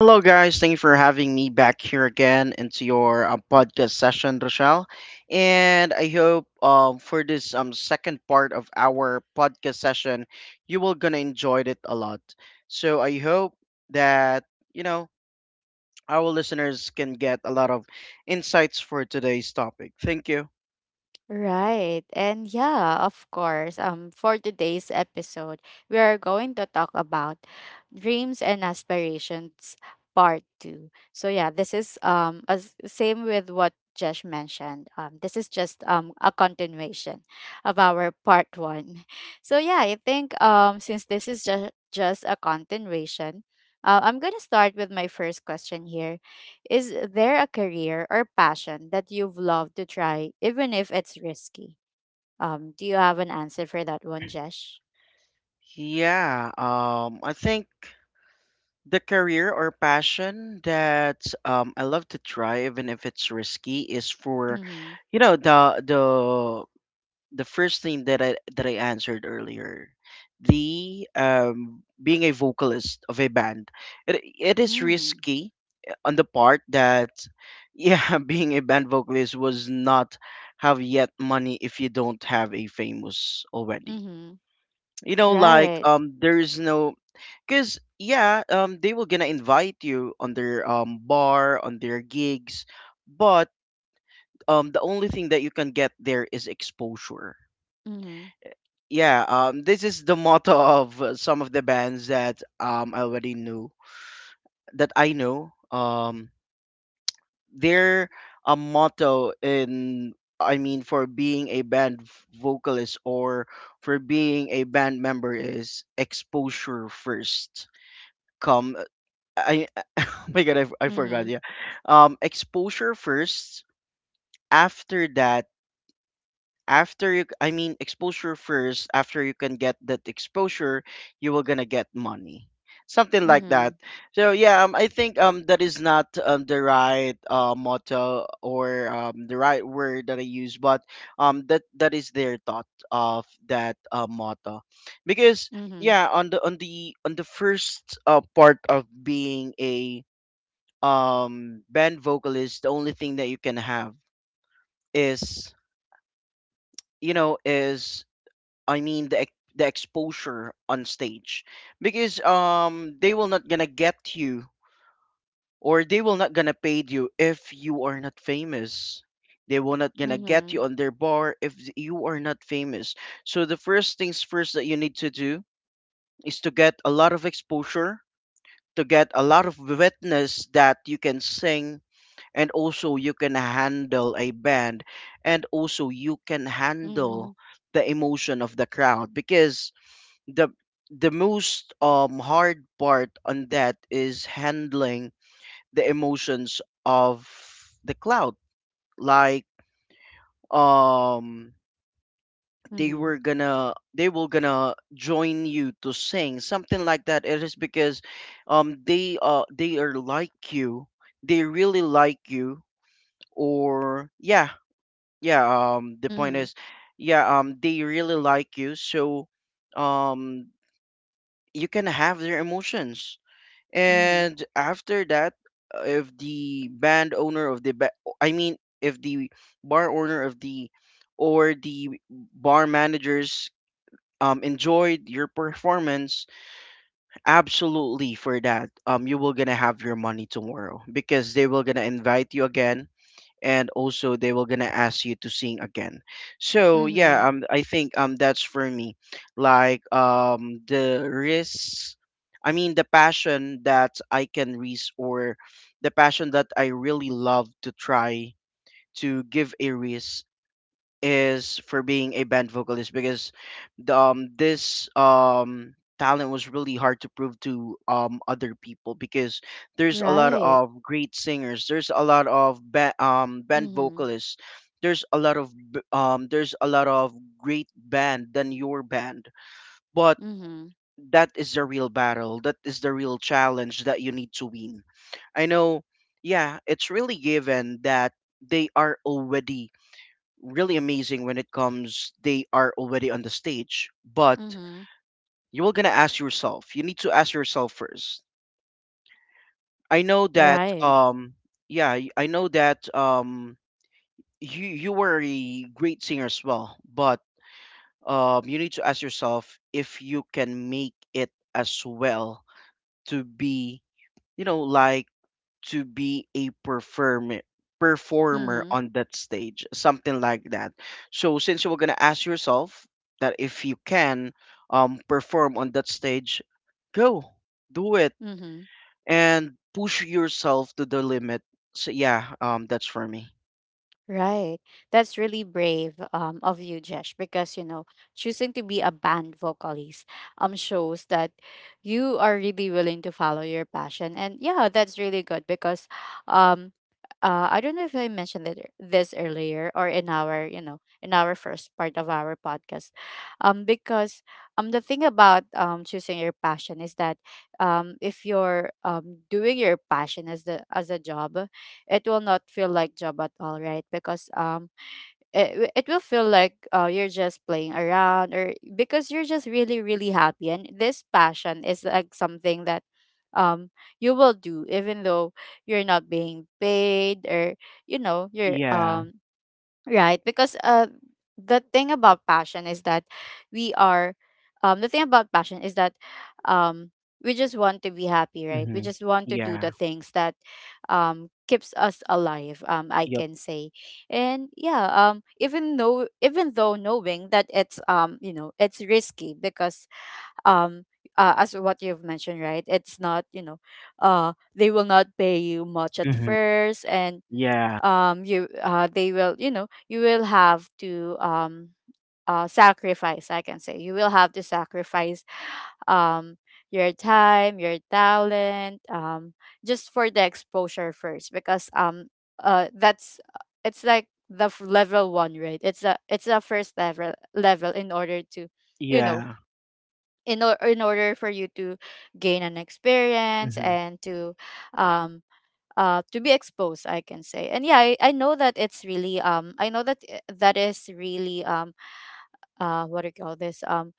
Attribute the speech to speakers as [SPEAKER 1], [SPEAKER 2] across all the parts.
[SPEAKER 1] Hello, guys. Thank you for having me back here again into your podcast session, Rochelle. And I hope for this second part of our podcast session, you will gonna enjoy it a lot. So I hope that you know our listeners can get a lot of insights for today's topic. Thank you.
[SPEAKER 2] Right. And yeah, of course. For today's episode, we are going to talk about dreams and aspirations part 2. So yeah, this is as same with what Josh mentioned. This is just a continuation of our part 1. So yeah, I think since this is just a continuation, I'm going to start with my first question here. Is there a career or passion that you've loved to try, even if it's risky? Do you have an answer for that one, Jesh?
[SPEAKER 1] Yeah. I think. The career or passion that I love to try, even if it's risky, is for,
[SPEAKER 2] Mm-hmm.
[SPEAKER 1] you know, the the the first thing that I answered earlier, the being a vocalist of a band. It is
[SPEAKER 2] Mm.
[SPEAKER 1] risky on the part that, yeah, being a band vocalist was not have yet money if you don't have a famous already.
[SPEAKER 2] Mm-hmm.
[SPEAKER 1] Like
[SPEAKER 2] Right.
[SPEAKER 1] there is no. Cause yeah, they will gonna invite you on their bar, on their gigs, but the only thing that you can get there is exposure.
[SPEAKER 2] Mm-hmm.
[SPEAKER 1] Yeah, this is the motto of some of the bands that I already knew that I know. Their a motto in I mean, for being a band vocalist or for being a band member is exposure first. Come, I My god, I
[SPEAKER 2] Mm-hmm.
[SPEAKER 1] forgot. Yeah, exposure first. After that, I mean, exposure first. After you can get that exposure, you will gonna get money, something like
[SPEAKER 2] Mm-hmm.
[SPEAKER 1] that. So yeah, I think that is not the right motto or the right word that I use, but that is their thought of that motto, because
[SPEAKER 2] Mm-hmm.
[SPEAKER 1] yeah, on the first part of being a band vocalist, the only thing that you can have is you know is I mean, the the exposure on stage, because they will not gonna get you, or they will not gonna pay you if you are not famous. They will not gonna get
[SPEAKER 2] Mm-hmm.
[SPEAKER 1] you on their bar if you are not famous. So the first things first that you need to do is to get a lot of exposure, to get a lot of witness that you can sing, and also you can handle a band, and also you can handle
[SPEAKER 2] Mm-hmm.
[SPEAKER 1] the emotion of the crowd, because the the most hard part on that is handling the emotions of the crowd. Like um they
[SPEAKER 2] Mm-hmm.
[SPEAKER 1] were gonna they will gonna join you to sing, something like that. It is because they are like you, they really like you. Or yeah, yeah, the point
[SPEAKER 2] Mm-hmm.
[SPEAKER 1] is, yeah, they really like you, so um you can have their emotions.
[SPEAKER 2] Mm-hmm.
[SPEAKER 1] And after that, if the band owner of the ba- I mean, if the bar owner of the or the bar managers enjoyed your performance, absolutely for that, you will gonna have your money tomorrow, because they will gonna invite you again, and also they were gonna ask you to sing again. So yeah,
[SPEAKER 2] Mm-hmm.
[SPEAKER 1] I think that's for me. Like, the risk I mean, the passion that I can risk, or the passion that I really love to try to give a risk, is for being a band vocalist, because this talent was really hard to prove to other people, because there's a lot
[SPEAKER 2] Right.
[SPEAKER 1] of great singers, there's a lot of band
[SPEAKER 2] Mm-hmm.
[SPEAKER 1] vocalists, there's a lot of great band than your band, but
[SPEAKER 2] Mm-hmm.
[SPEAKER 1] that is the real battle, that is the real challenge that you need to win. I know, yeah, it's really given that they are already really amazing when it comes they are already on the stage, but
[SPEAKER 2] Mm-hmm.
[SPEAKER 1] you are gonna ask yourself, you need to ask yourself first. i know that
[SPEAKER 2] Right.
[SPEAKER 1] um I know that you were a great singer as well, but you need to ask yourself if you can make it as well, to be, you know, like, to be a performer
[SPEAKER 2] Mm-hmm.
[SPEAKER 1] on that stage, something like that. So since you were going to ask yourself that if you can perform on that stage, go, do it,
[SPEAKER 2] Mm-hmm.
[SPEAKER 1] and push yourself to the limit. So yeah, that's for me.
[SPEAKER 2] Right. That's really brave of you, Jesh, because you know, choosing to be a band vocalist shows that you are really willing to follow your passion. And yeah, that's really good because um I don't know if I mentioned it, this earlier or in our, you know, in our first part of our podcast. Because the thing about choosing your passion is that if you're doing your passion as the as a job, it will not feel like job at all, right? Because it will feel like you're just playing around, or because you're just really happy, and this passion is like something that um you will do even though you're not being paid, or you know you're
[SPEAKER 1] Yeah.
[SPEAKER 2] um, Right, because the thing about passion is that we are, the thing about passion is that, um, we just want to be happy, right? We
[SPEAKER 1] Mm-hmm.
[SPEAKER 2] just want to do
[SPEAKER 1] Yeah.
[SPEAKER 2] the things that, keeps us alive. I
[SPEAKER 1] Yep.
[SPEAKER 2] can say, and yeah, even though knowing that it's you know, it's risky because um. As what you've mentioned, right, it's not, you know, they will not pay you much at
[SPEAKER 1] Mm-hmm.
[SPEAKER 2] first, and
[SPEAKER 1] Yeah,
[SPEAKER 2] you they will, you know, you will have to sacrifice, I can say. You will have to sacrifice um your time, your talent, just for the exposure first, because that's, it's like the level one, right? It's a first level in order to, you know,
[SPEAKER 1] yeah.
[SPEAKER 2] in, or, in order for you to gain an experience
[SPEAKER 1] Mm-hmm.
[SPEAKER 2] and um to be exposed, I can say. And yeah, I know that it's really I know that that is really what do you call this,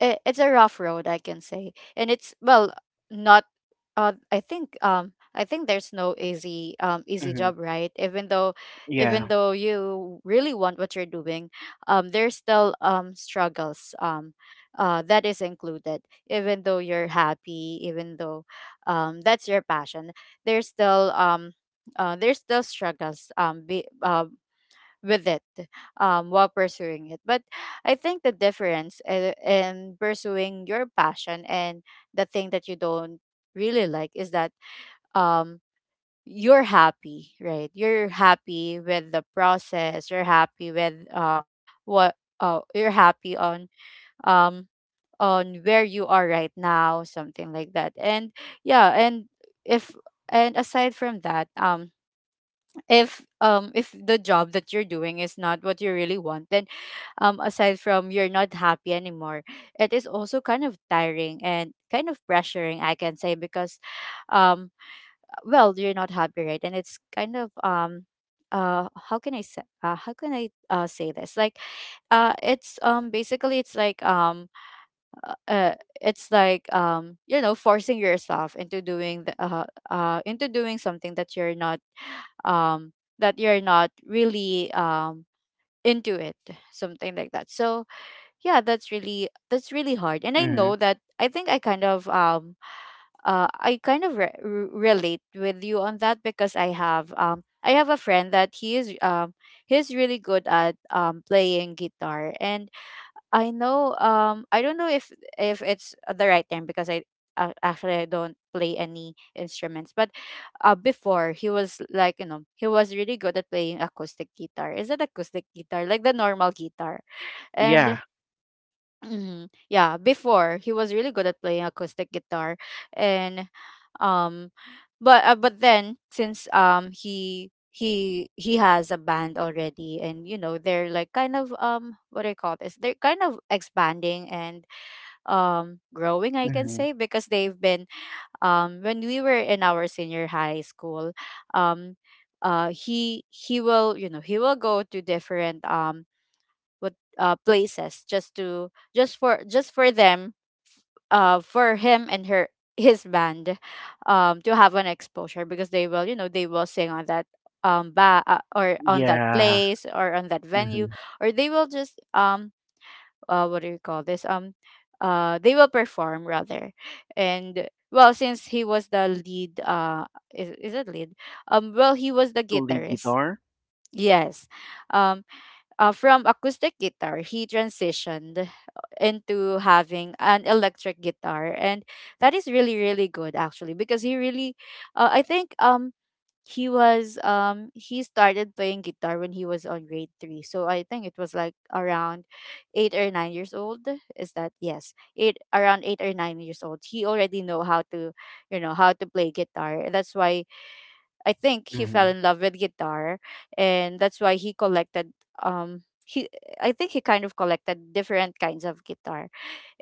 [SPEAKER 2] it, it's a rough road, I can say. And it's well, not, I think I think there's no easy easy
[SPEAKER 1] Mm-hmm.
[SPEAKER 2] job, right? Even though, even
[SPEAKER 1] Yeah.
[SPEAKER 2] though you really want what you're doing, there's still struggles, that is included, even though you're happy, even though that's your passion, there's still um there's still struggles with it, while pursuing it. But I think the difference in pursuing your passion and the thing that you don't really like is that, um, you're happy, right? You're happy with the process. You're happy with what you're happy um, on where you are right now, something like that. And yeah, and if, and aside from that, if the job that you're doing is not what you really want, then aside from you're not happy anymore, it is also kind of tiring and kind of pressuring, I can say, because um well, you're not happy, right? And it's kind of how can I say, how can I say this, like it's basically, it's like uh uh, it's like, you know, forcing yourself into into doing something that you're not, um that you're not really into it, something like that. So yeah, that's really, that's really hard. And I
[SPEAKER 1] Mm-hmm.
[SPEAKER 2] know that, I think I kind of I kind of relate with you on that, because I have I have a friend that he is he's really good at playing guitar. And I know I don't know if it's the right term, because I actually I don't play any instruments, but before he was like, you know, he was really good at playing acoustic guitar. Is it acoustic guitar, like the normal guitar? And
[SPEAKER 1] Yeah.
[SPEAKER 2] mhm, yeah, before he was really good at playing acoustic guitar. And um but then since he he has a band already, and you know they're like kind of what do I call this, they're kind of expanding and growing, I can
[SPEAKER 1] Mm-hmm.
[SPEAKER 2] say, because they've been when we were in our senior high school, um he will, you know, he will go to different what places, just for them, for him and her, his band, to have an exposure, because they will, you know, they will sing on that or on that
[SPEAKER 1] Yeah.
[SPEAKER 2] place or on that venue,
[SPEAKER 1] Mm-hmm.
[SPEAKER 2] or they will just what do you call this, they will perform rather. And well, since he was the lead, is it lead, well he was the
[SPEAKER 1] To lead
[SPEAKER 2] guitarist,
[SPEAKER 1] guitar.
[SPEAKER 2] yes, um from acoustic guitar he transitioned, into having an electric guitar. And that is really, really good actually, because he really, I think, he was, he started playing guitar when he was on grade 3, so I think it was like around 8 or 9 years old. Is that yes, eight, around 8 or 9 years old? He already know how to, you know, how to play guitar. That's why I think he fell
[SPEAKER 1] Mm-hmm.
[SPEAKER 2] in love with guitar, and that's why he collected he, I think he kind of collected different kinds of guitar.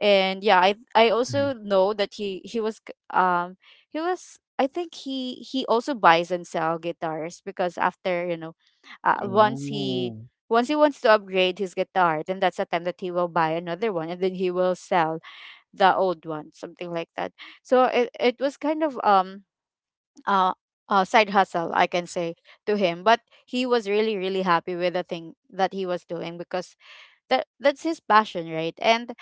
[SPEAKER 2] And yeah, I also know that he was he was, I think he also buys and sell guitars, because after, you know, once he,
[SPEAKER 1] Oh,
[SPEAKER 2] once he wants to upgrade his guitar, then that's the time that he will buy another one and then he will sell the old one, something like that. So it was kind of uh, side hustle, I can say, to him. But he was really, really happy with the thing that he was doing because that, that's his passion, right? And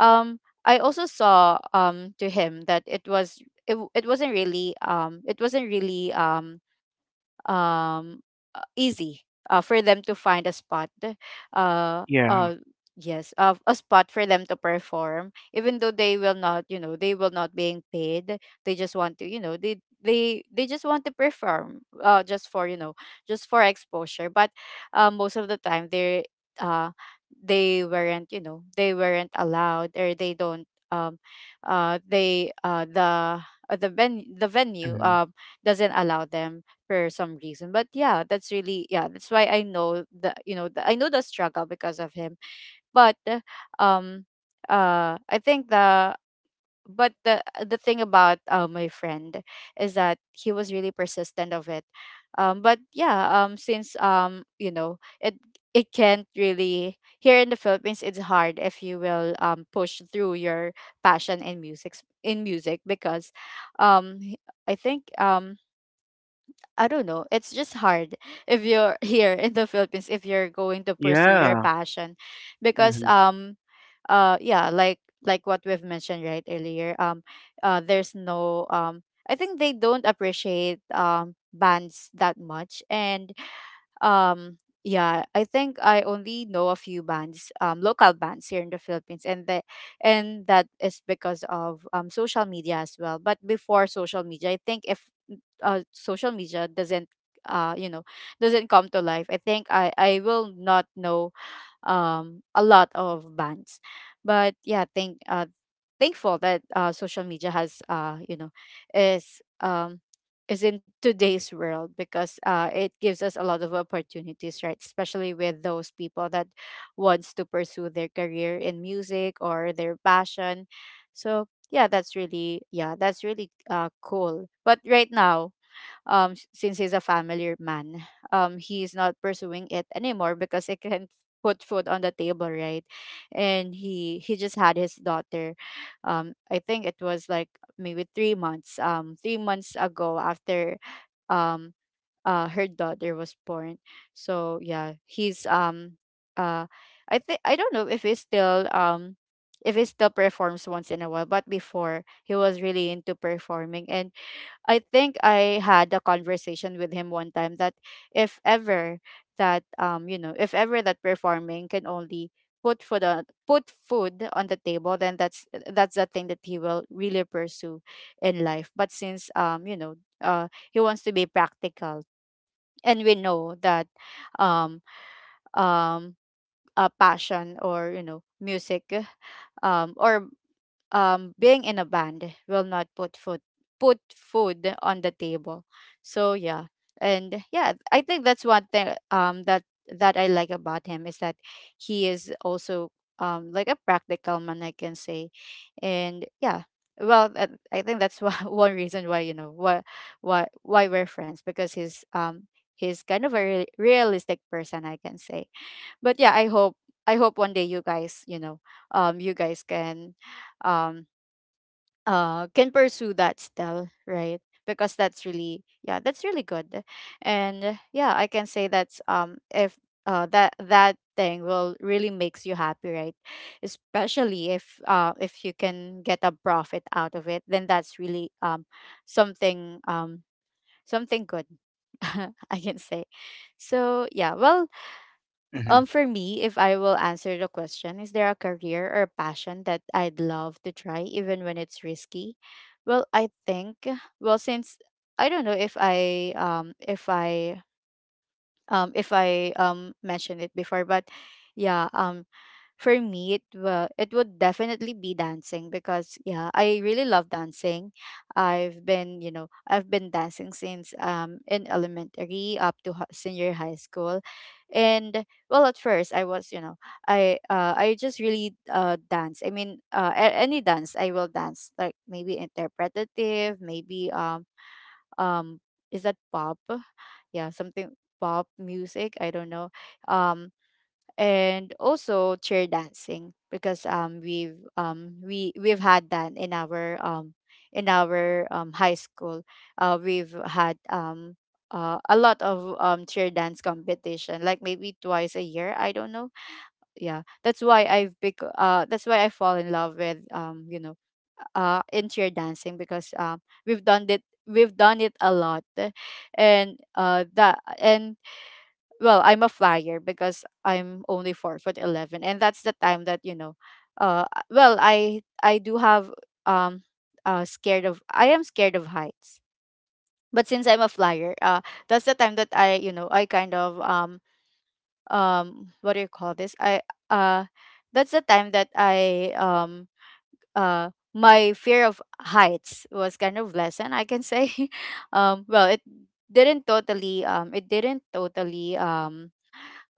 [SPEAKER 2] um, I also saw to him that it was, it, it wasn't really um easy for them to find a spot, uh
[SPEAKER 1] yeah.
[SPEAKER 2] uh yes, a spot for them to perform, even though they will not, you know, they will not being paid. They just want to, you know, they, they just want to perform, just for, you know, just for exposure, but most of the time they, uh they weren't, you know, they weren't allowed or they don't um the the venue
[SPEAKER 1] Mhm.
[SPEAKER 2] doesn't allow them for some reason. But yeah, that's really, yeah, that's why I know the, you know the, I know the struggle because of him. But um I think the, but the thing about my friend is that he was really persistent of it. But yeah, since you know it, it can't really, here in the Philippines it's hard if you will push through your passion in music, in music, because um I think I don't know. It's just hard if you're here in the Philippines if you're going to pursue your
[SPEAKER 1] Yeah.
[SPEAKER 2] passion, because
[SPEAKER 1] Mhm.
[SPEAKER 2] yeah, like what we've mentioned, right, earlier, there's no I think they don't appreciate bands that much, and um yeah, I think I only know a few bands, local bands here in the Philippines, and that, and that is because of social media as well. But before social media, I think if social media doesn't, you know, doesn't come to life, I think I will not know a lot of bands. But yeah, thank thankful that social media has, you know, is um, is in today's world, because it gives us a lot of opportunities, right? Especially with those people that wants to pursue their career in music or their passion. So yeah, that's really, yeah, that's really cool. But right now, since he's a family man, he's not pursuing it anymore because he can put food on the table, right? And he just had his daughter I think it was like maybe 3 months, 3 months ago after um her daughter was born. So yeah, he's uh I think, I don't know if he still performs once in a while, but before he was really into performing. And I think I had a conversation with him one time that if ever that if ever that performing can only put food on the table, then that's the thing that he will really pursue in life. But since he wants to be practical, and we know that um um a passion or, you know, music, or being in a band will not put food on the table. So yeah, and yeah, I think that's one thing that that I like about him, is that he is also like a practical man, I can say, and yeah. I think that's why, one reason why, why why we're friends, because he's kind of a realistic person, I can say. But yeah, I hope, I hope one day, you guys um can pursue that still, right? Because that's really, yeah, that's really good. And yeah, I can say that's if that thing will really makes you happy, right? Especially if, if you can get a profit out of it, then that's really something, something good, I can say. So yeah.
[SPEAKER 1] Mhm.
[SPEAKER 2] For me, if I will answer the question, is there a career or passion that I'd love to try even when it's risky? Well, I think, well, since I don't know if I if I mentioned it before, but yeah. For me, it will it would definitely be dancing, because yeah, I really love dancing. I've been dancing since in elementary up to senior high school, and well, at first I was, you know, I just really dance. I mean, any dance I will dance, like maybe interpretative, maybe um is that pop? Yeah, something pop music, I don't know. Um and also chair dancing, because we we've had that in our high school. We've had a lot of chair dance competition, like maybe twice a year, I don't know. Yeah, that's why I've pick that's why I fall in love with, in cheer dancing, because we've done it a lot. And that and, well, I'm a flyer because I'm only 4'11", and that's the time that, well, I do have um scared of, I am scared of heights. But since I'm a flyer, that's the time that I, you know, I kind of what do you call this, I uh that's the time that I my fear of heights was kind of lessened, I can say. Well, it didn't totally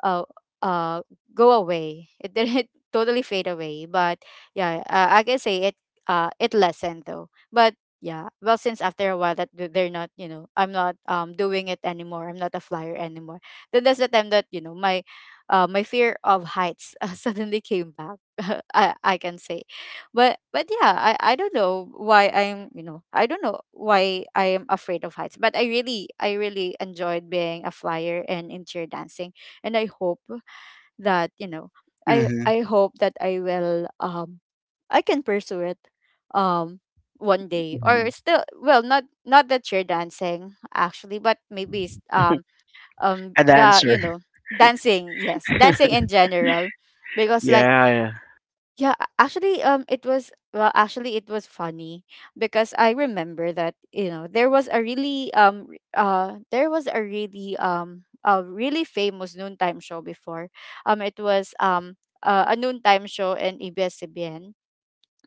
[SPEAKER 2] uh, uh, go away. It didn't totally fade away, but yeah, I can say it. It lessened though, but yeah. Well, since after a while that they're not, you know, I'm not doing it anymore. I'm not a flyer anymore. Then that's the time that, you know, my, my fear of heights suddenly came back. I can say, but yeah, I don't know why I am afraid of heights. But I really enjoyed being a flyer and in cheer dancing, and I hope that, you know, I
[SPEAKER 1] Mhm.
[SPEAKER 2] I hope that I will I can pursue it um one day or
[SPEAKER 1] Mhm.
[SPEAKER 2] still, well, not, not the chair dancing actually, but maybe
[SPEAKER 1] A
[SPEAKER 2] the,
[SPEAKER 1] dancer.
[SPEAKER 2] you know, dancing. Yes, dancing in general, because, like,
[SPEAKER 1] Yeah.
[SPEAKER 2] yeah, actually, it was, well, actually, it was funny, because I remember that, you know, there was a really there was a really famous noontime show before. It was a noontime show in ABS-CBN,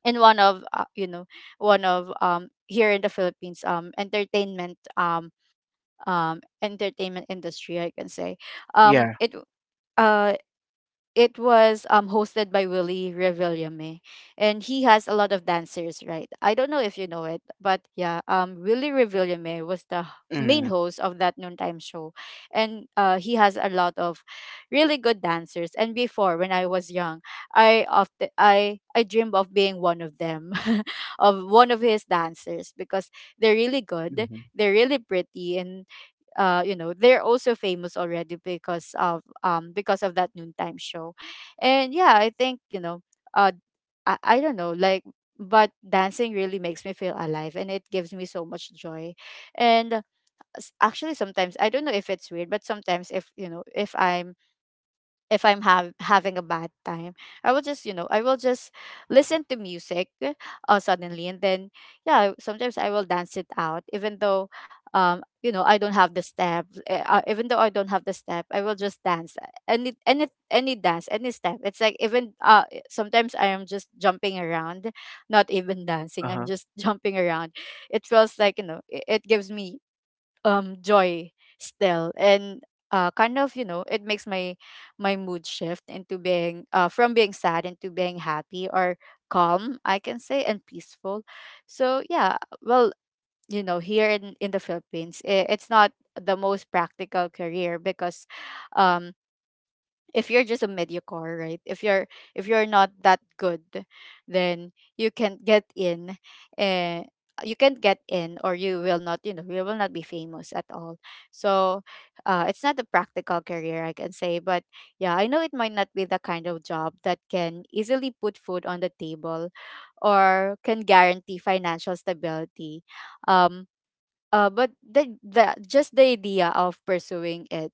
[SPEAKER 2] and one of, one of here in the Philippines entertainment entertainment industry, I can say. um
[SPEAKER 1] Yeah.
[SPEAKER 2] it uh it was hosted by Willie Revillame, and he has a lot of dancers, right? I don't know if you know it, but yeah, Willie Revillame was the main
[SPEAKER 1] Mhm.
[SPEAKER 2] host of that noontime show. And he has a lot of really good dancers, and before, when I was young, I dreamed of being one of them, of one of his dancers, because they're really good,
[SPEAKER 1] Mhm.
[SPEAKER 2] they're really pretty, and, they're also famous already because of that noontime show. And yeah, I think, uh I don't know, like, but dancing really makes me feel alive, and it gives me so much joy. And actually, sometimes I don't know if it's weird, but sometimes if, if I'm having a bad time, I will just, I will just listen to music suddenly. And then, yeah, sometimes I will dance it out, even though, I don't have the step. Even though I don't have the step, I will just dance any dance, any step. It's like, even sometimes I am just jumping around, not even dancing. I'm
[SPEAKER 1] Uh-huh.
[SPEAKER 2] just jumping around. It feels like, you know, it gives me joy still. And kind of, you know, it makes my, my mood shift into being, from being sad into being happy, or calm, I can say, and peaceful. So yeah. Well, you know, here in the Philippines, I it's not the most practical career, because um if you're just a mediocre, right? If you're not that good, then you can not get in. And you can not get in, or you will not, you know, you will not be famous at all. So it's not a practical career, I can say. But yeah, I know it might not be the kind of job that can easily put food on the table or can guarantee financial stability. Um, but the just the idea of pursuing it,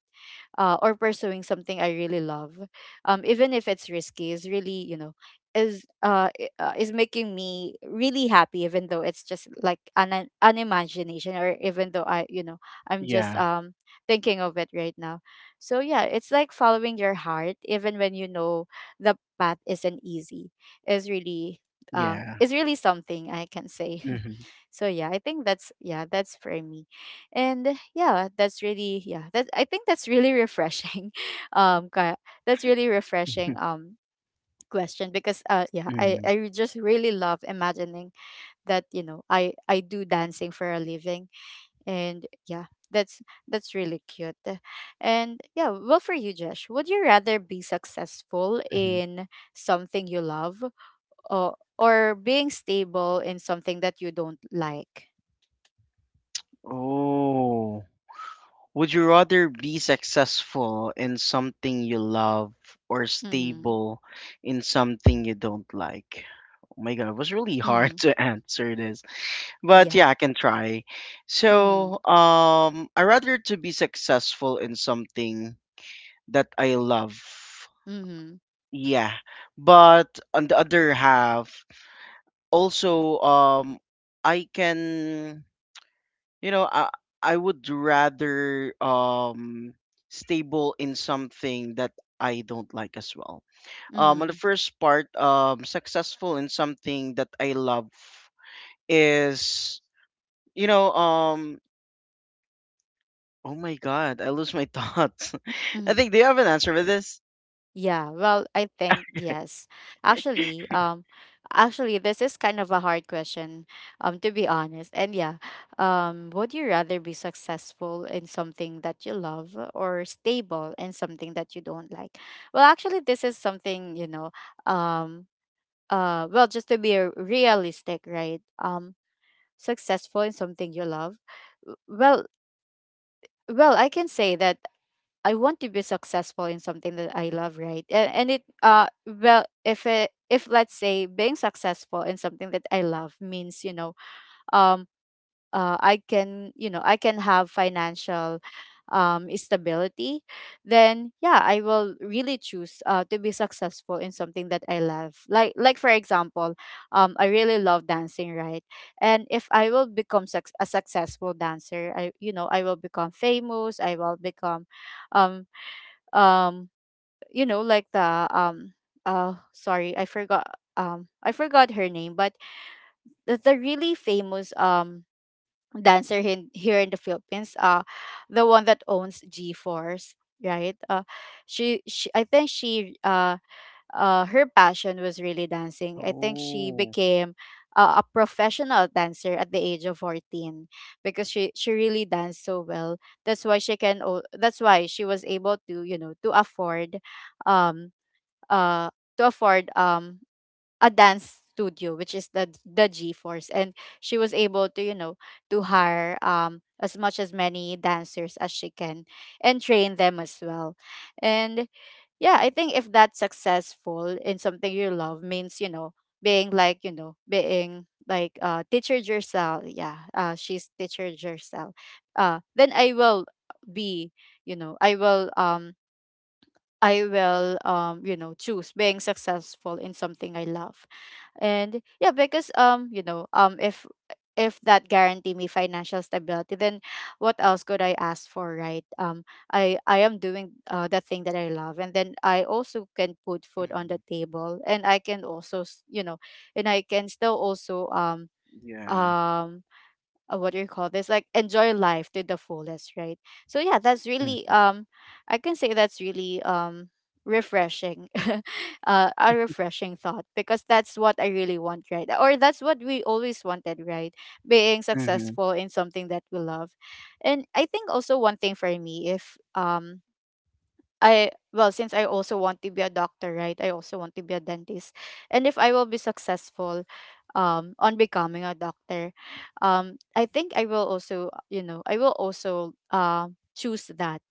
[SPEAKER 2] or pursuing something I really love, even if it's risky, is really, is making me really happy, even though it's just like an imagination, or even though I you know I'm just
[SPEAKER 1] Yeah.
[SPEAKER 2] thinking of it right now. So yeah, it's like following your heart, even when, you know, the path isn't easy. Is really
[SPEAKER 1] Yeah.
[SPEAKER 2] is really something, I can say.
[SPEAKER 1] Mhm.
[SPEAKER 2] So yeah, I think that's, yeah, that's for me. And that's really, yeah, that I think that's really refreshing, um ki- that's really refreshing
[SPEAKER 1] Mhm.
[SPEAKER 2] question, because yeah, i
[SPEAKER 1] Mhm.
[SPEAKER 2] i just really love imagining that, you know, I do dancing for a living. And yeah, that's that's really cute. And yeah, well, for you, Josh, would you rather be successful
[SPEAKER 1] Mhm.
[SPEAKER 2] in something you love, or being stable in something that you don't like?
[SPEAKER 1] Oh. Would you rather be successful in something you love or
[SPEAKER 2] Mm-hmm.
[SPEAKER 1] stable in something you don't like? Oh my God, it was really hard
[SPEAKER 2] Mhm.
[SPEAKER 1] to answer this. But
[SPEAKER 2] Yeah.
[SPEAKER 1] yeah, I can try. So
[SPEAKER 2] Mhm.
[SPEAKER 1] I rather to be successful in something that I love,
[SPEAKER 2] Mhm.
[SPEAKER 1] yeah. But on the other half, also, I can, you know, I would rather stable in something that I don't like as well. On the
[SPEAKER 2] Mhm.
[SPEAKER 1] first part, successful in something that I love is, you know um oh my god, I lose my thoughts. I
[SPEAKER 2] Mhm.
[SPEAKER 1] think, do you have an answer for this?
[SPEAKER 2] Yeah. Well, I think, yes. Actually, actually this is kind of a hard question, to be honest. And yeah, would you rather be successful in something that you love, or stable in something that you don't like? Well, actually this is something, you know, um well, just to be realistic, right? Successful in something you love. Well, well, I can say that I want to be successful in something that I love, right? And it Well, if let's say being successful in something that I love means, you know, um I can, you know, I can have financial stability, then yeah, I will really choose to be successful in something that I love. Like, for example, I really love dancing, right? And if I will become suc a successful dancer, I, you know, I will become famous. I will become um um you know, like the sorry, I forgot, I forgot her name, but the really famous dancer in, here in the Philippines. The one that owns g force right? She, I think she her passion was really dancing. I think she
[SPEAKER 1] Oh.
[SPEAKER 2] became a professional dancer at the age of 14 because she really danced so well. That's why she can that's why she was able to, you know, um uh to afford a dance studio which is the G-force. And she was able to, you know, to hire as much as many dancers as she can and train them as well. And yeah, I think if that's successful in something you love means, you know, being like, you know, being like teacher Giselle, yeah, she's teacher Giselle. Then I will be, you know, I will I will choose being successful in something I love. And yeah, because if that guarantee me financial stability, then what else could I ask for, right? I am doing the thing that I love, and then I also can put food on the
[SPEAKER 1] Hmm.
[SPEAKER 2] table, and I can also you know, and I can still also
[SPEAKER 1] Yeah.
[SPEAKER 2] um what do you call this, like enjoy life to the fullest, right? So yeah, that's really
[SPEAKER 1] Mm.
[SPEAKER 2] I can say that's really refreshing. A refreshing thought, because that's what I really want, right? Or that's what we always wanted, right? Being
[SPEAKER 1] Mm-hmm.
[SPEAKER 2] successful in something that we love. And I think also one thing for me, if I, well, since I also want to be a doctor, right? I also want to be a dentist. And if I will be successful on becoming a doctor, I think I will also, you know, I will also choose that,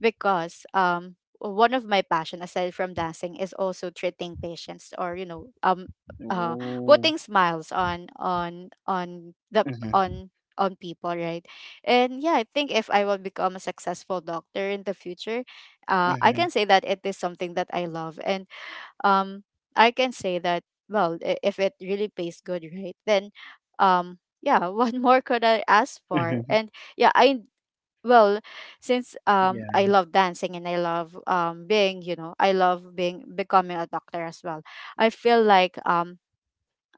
[SPEAKER 2] because one of my passion aside from dancing is also treating patients, or you know uh
[SPEAKER 1] Oh.
[SPEAKER 2] putting smiles on the
[SPEAKER 1] Mm-hmm.
[SPEAKER 2] on people, right? And yeah, I think if I will become a successful doctor in the future, I
[SPEAKER 1] Mm-hmm.
[SPEAKER 2] can say that it is something that I love. And um, I can say that, well, if it really pays good, right? Then, yeah, what more could I ask for?
[SPEAKER 1] Mm-hmm.
[SPEAKER 2] And yeah, I, well, since I
[SPEAKER 1] Yeah.
[SPEAKER 2] love dancing and I love being, you know, I love being becoming a doctor as well. I feel like um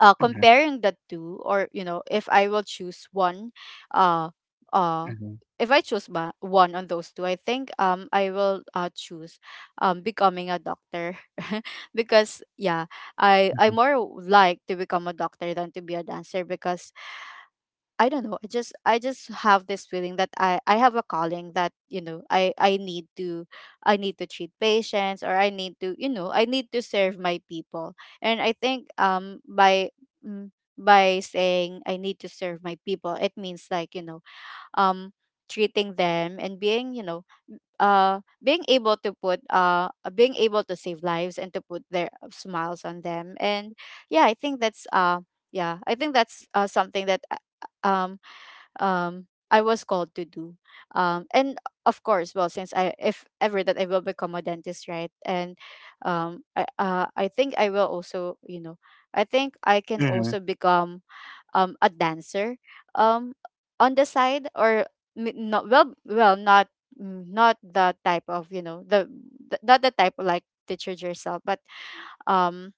[SPEAKER 2] uh,
[SPEAKER 1] Mm-hmm.
[SPEAKER 2] comparing the two, or you know, if I will choose one, uh uh
[SPEAKER 1] Mm-hmm.
[SPEAKER 2] if I choose one on those two, I think I will choose becoming a doctor. Because yeah, I more like to become a doctor than to be a dancer because I don't know. I just have this feeling that I have a calling that, you know, I need to I need to treat patients, or I need to, you know, I need to serve my people. And I think by by saying I need to serve my people, it means, like, you know, um treating them and being, you know, being able to put being able to save lives and to put their smiles on them. And yeah, I think that's something that um um I was called to do. And of course, well, since I, if ever that I will become a dentist, right? And I think I will also, you know, I think I can
[SPEAKER 1] Hmm.
[SPEAKER 2] also become a dancer um on the side. Or not, well, well, not not the type of, you know, the not the type of like teacher yourself, um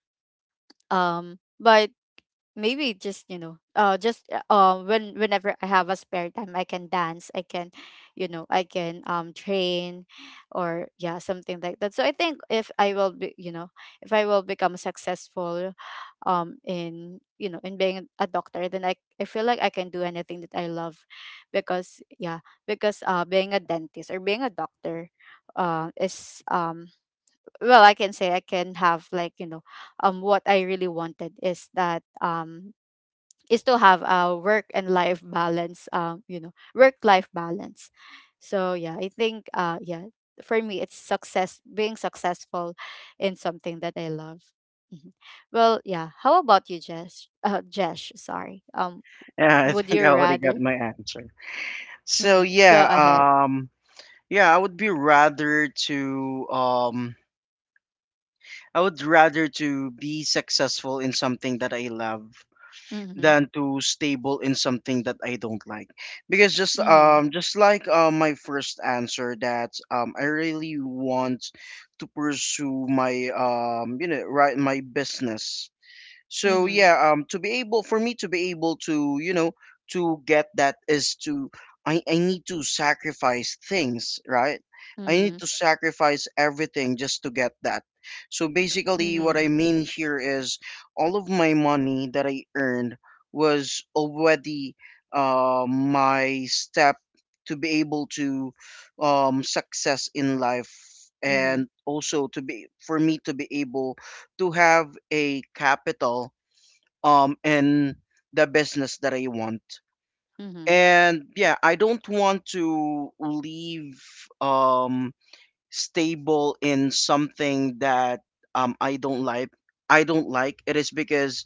[SPEAKER 2] but maybe just, you know, just when whenever I have a spare time, I can dance, I can, you know, I can train, or yeah, something like that. So I think if I will be, you know, if I will become successful in, you know, in being a doctor, then I feel like I can do anything that I love. Because yeah, because being a dentist or being a doctor is well, I can say I can have, like, you know, what I really wanted is that is to have a work and life balance, you know, work life balance. So yeah, I think yeah, for me, it's success, being successful in something that I love. Mhm. Well, yeah, how about you, Jess? Jess, sorry,
[SPEAKER 1] Yeah, I
[SPEAKER 2] would you
[SPEAKER 1] think I already got
[SPEAKER 2] rather
[SPEAKER 1] my answer. So
[SPEAKER 2] mm-hmm, go
[SPEAKER 1] yeah,
[SPEAKER 2] ahead.
[SPEAKER 1] yeah, I would rather to be successful in something that I love
[SPEAKER 2] Mm-hmm.
[SPEAKER 1] than to stable in something that I don't like. Because
[SPEAKER 2] Mm-hmm.
[SPEAKER 1] just like my first answer, that I really want to pursue my you know, right, my business. So
[SPEAKER 2] Mm-hmm.
[SPEAKER 1] yeah, to be able for me to be able to, you know, to get that is to, I need to sacrifice things, right? I
[SPEAKER 2] Mm-hmm.
[SPEAKER 1] need to sacrifice everything just to get that. So basically, what
[SPEAKER 2] Mm-hmm.
[SPEAKER 1] I mean here is all of my money that I earned was already my step to be able to success in life,
[SPEAKER 2] Mm-hmm.
[SPEAKER 1] and also to be for me to be able to have a capital in the business that I want.
[SPEAKER 2] Mm-hmm.
[SPEAKER 1] And yeah, I don't want to leave um stable in something that I don't like. I don't like it is because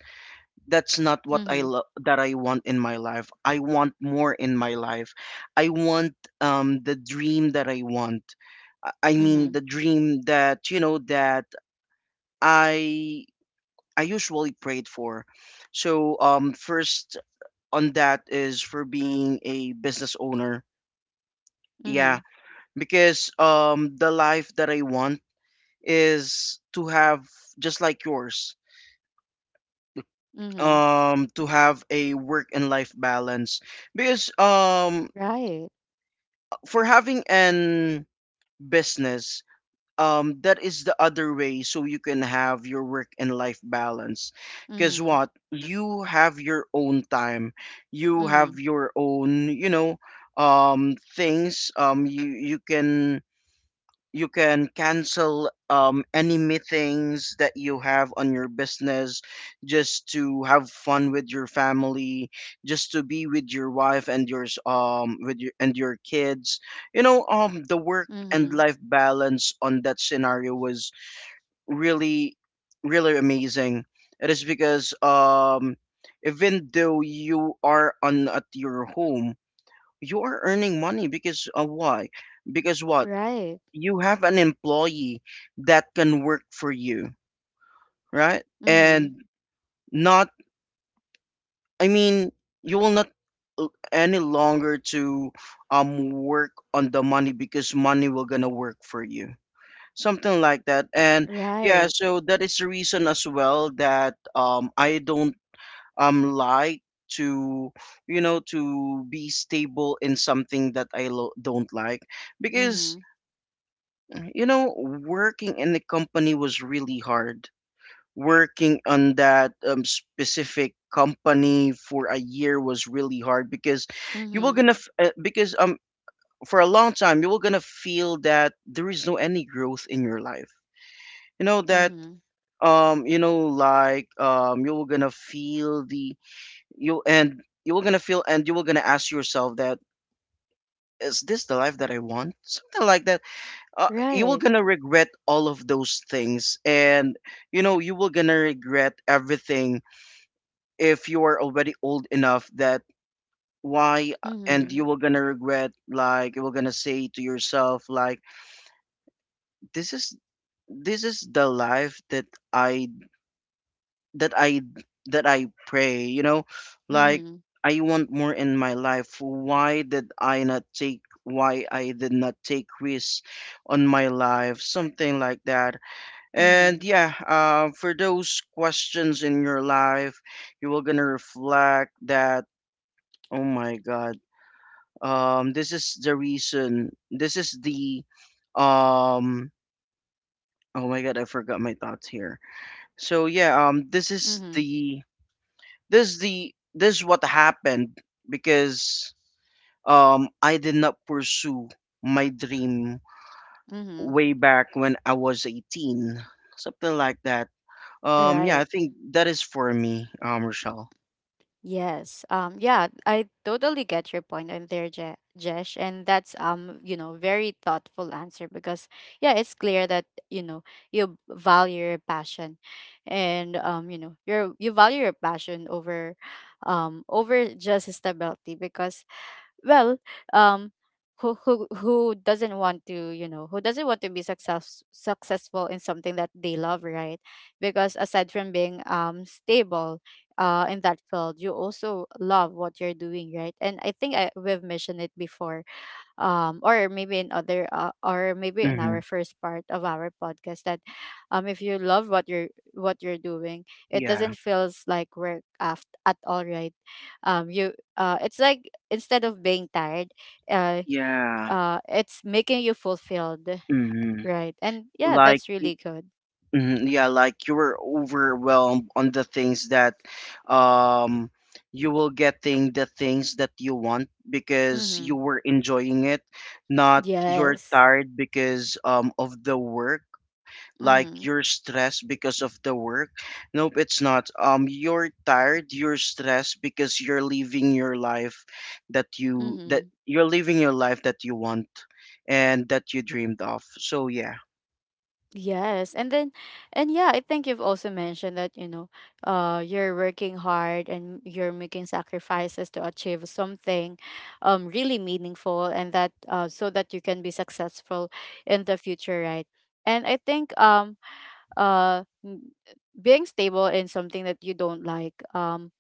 [SPEAKER 1] that's not what I
[SPEAKER 2] Mm-hmm.
[SPEAKER 1] lo- that I want in my life. I want more in my life. I want the dream that I want. I mean
[SPEAKER 2] Mm-hmm.
[SPEAKER 1] the dream that you know that I I usually prayed for. So first on that is for being a business owner.
[SPEAKER 2] Mm-hmm.
[SPEAKER 1] Yeah, because the life that I want is to have, just like yours.
[SPEAKER 2] Mm-hmm.
[SPEAKER 1] To have a work and life balance, because
[SPEAKER 2] Right.
[SPEAKER 1] for having an business, that is the other way so you can have your work and life balance. Because
[SPEAKER 2] Mm-hmm.
[SPEAKER 1] what? You have your own time. You
[SPEAKER 2] Mm-hmm.
[SPEAKER 1] have your own, things. You can cancel any meetings that you have on your business, just to have fun with your family, just to be with your wife and your kids. You know, the work
[SPEAKER 2] Mm-hmm.
[SPEAKER 1] and life balance on that scenario was really, really amazing. It is because even though you are on at your home, you are earning money, because why? Because what,
[SPEAKER 2] Right.
[SPEAKER 1] you have an employee that can work for you, right?
[SPEAKER 2] Mhm.
[SPEAKER 1] And not, I mean, you will not any longer to work on the money, because money will gonna work for you, something like that. And yeah,
[SPEAKER 2] Right.
[SPEAKER 1] so that is the reason as well that I don't like to you know to be stable in something that don't like, because
[SPEAKER 2] Mhm.
[SPEAKER 1] you know, working in the company was really hard. Working on that specific company for a year was really hard, because you were
[SPEAKER 2] Mhm.
[SPEAKER 1] gonna because for a long time you were gonna feel that there is no any growth in your life. You know that
[SPEAKER 2] Mhm.
[SPEAKER 1] like you were gonna feel, and you were gonna ask yourself that, is this the life that I want, something like that? You were
[SPEAKER 2] Right.
[SPEAKER 1] gonna regret all of those things, and you were gonna regret everything if you are already old enough, that why, and
[SPEAKER 2] Mhm.
[SPEAKER 1] you were gonna regret, like, you were gonna say to yourself like, this is, the life that i that i I pray, you know, like,
[SPEAKER 2] Mhm.
[SPEAKER 1] I want more in my life. Why I did not take risks on my life, something like that? And
[SPEAKER 2] Mhm.
[SPEAKER 1] yeah, for those questions in your life, you were gonna reflect that, oh my god. This is the reason. This is the um. Oh my god, I forgot my thoughts here. This is
[SPEAKER 2] Mhm.
[SPEAKER 1] the this is what happened because I did not pursue my dream
[SPEAKER 2] Mhm.
[SPEAKER 1] way back when I was 18, something like that. Yeah,
[SPEAKER 2] Right.
[SPEAKER 1] I think that is for me, Rochelle.
[SPEAKER 2] Yes. Yeah, I totally get your point on there, Je- Jesh, and that's you know, very thoughtful answer. Because yeah, it's clear that, you know, you value your passion. And you know, you value your passion over over just stability. Because well, um who who doesn't want to, you know, who doesn't want to be successful in something that they love, right? Because aside from being stable in that field, you also love what you're doing, right? And I think we've mentioned it before, or maybe in other or maybe in
[SPEAKER 1] Mm-hmm.
[SPEAKER 2] our first part of our podcast, that if you love what you're doing, it
[SPEAKER 1] Yeah,
[SPEAKER 2] doesn't feels like work at all, right? You it's like, instead of being tired, uh
[SPEAKER 1] yeah.
[SPEAKER 2] it's making you fulfilled.
[SPEAKER 1] Mm-hmm.
[SPEAKER 2] Right? And yeah,
[SPEAKER 1] Like
[SPEAKER 2] that's really good.
[SPEAKER 1] Mhm, yeah, like you were overwhelmed on the things that um you will getting the things that you want because you
[SPEAKER 2] Mm-hmm.
[SPEAKER 1] were enjoying it, not you're
[SPEAKER 2] Yes.
[SPEAKER 1] tired because of the work, like
[SPEAKER 2] Mm-hmm.
[SPEAKER 1] you're stressed because of the work. Nope, it's not. You're tired, you're stressed because
[SPEAKER 2] Mm-hmm.
[SPEAKER 1] you're living your life that you want and that you dreamed of. So yeah.
[SPEAKER 2] Yes. And then, and yeah, I think you've also mentioned that, you know, you're working hard and you're making sacrifices to achieve something really meaningful, and that so that you can be successful in the future, right? And I think uh m- being stable in something that you don't like,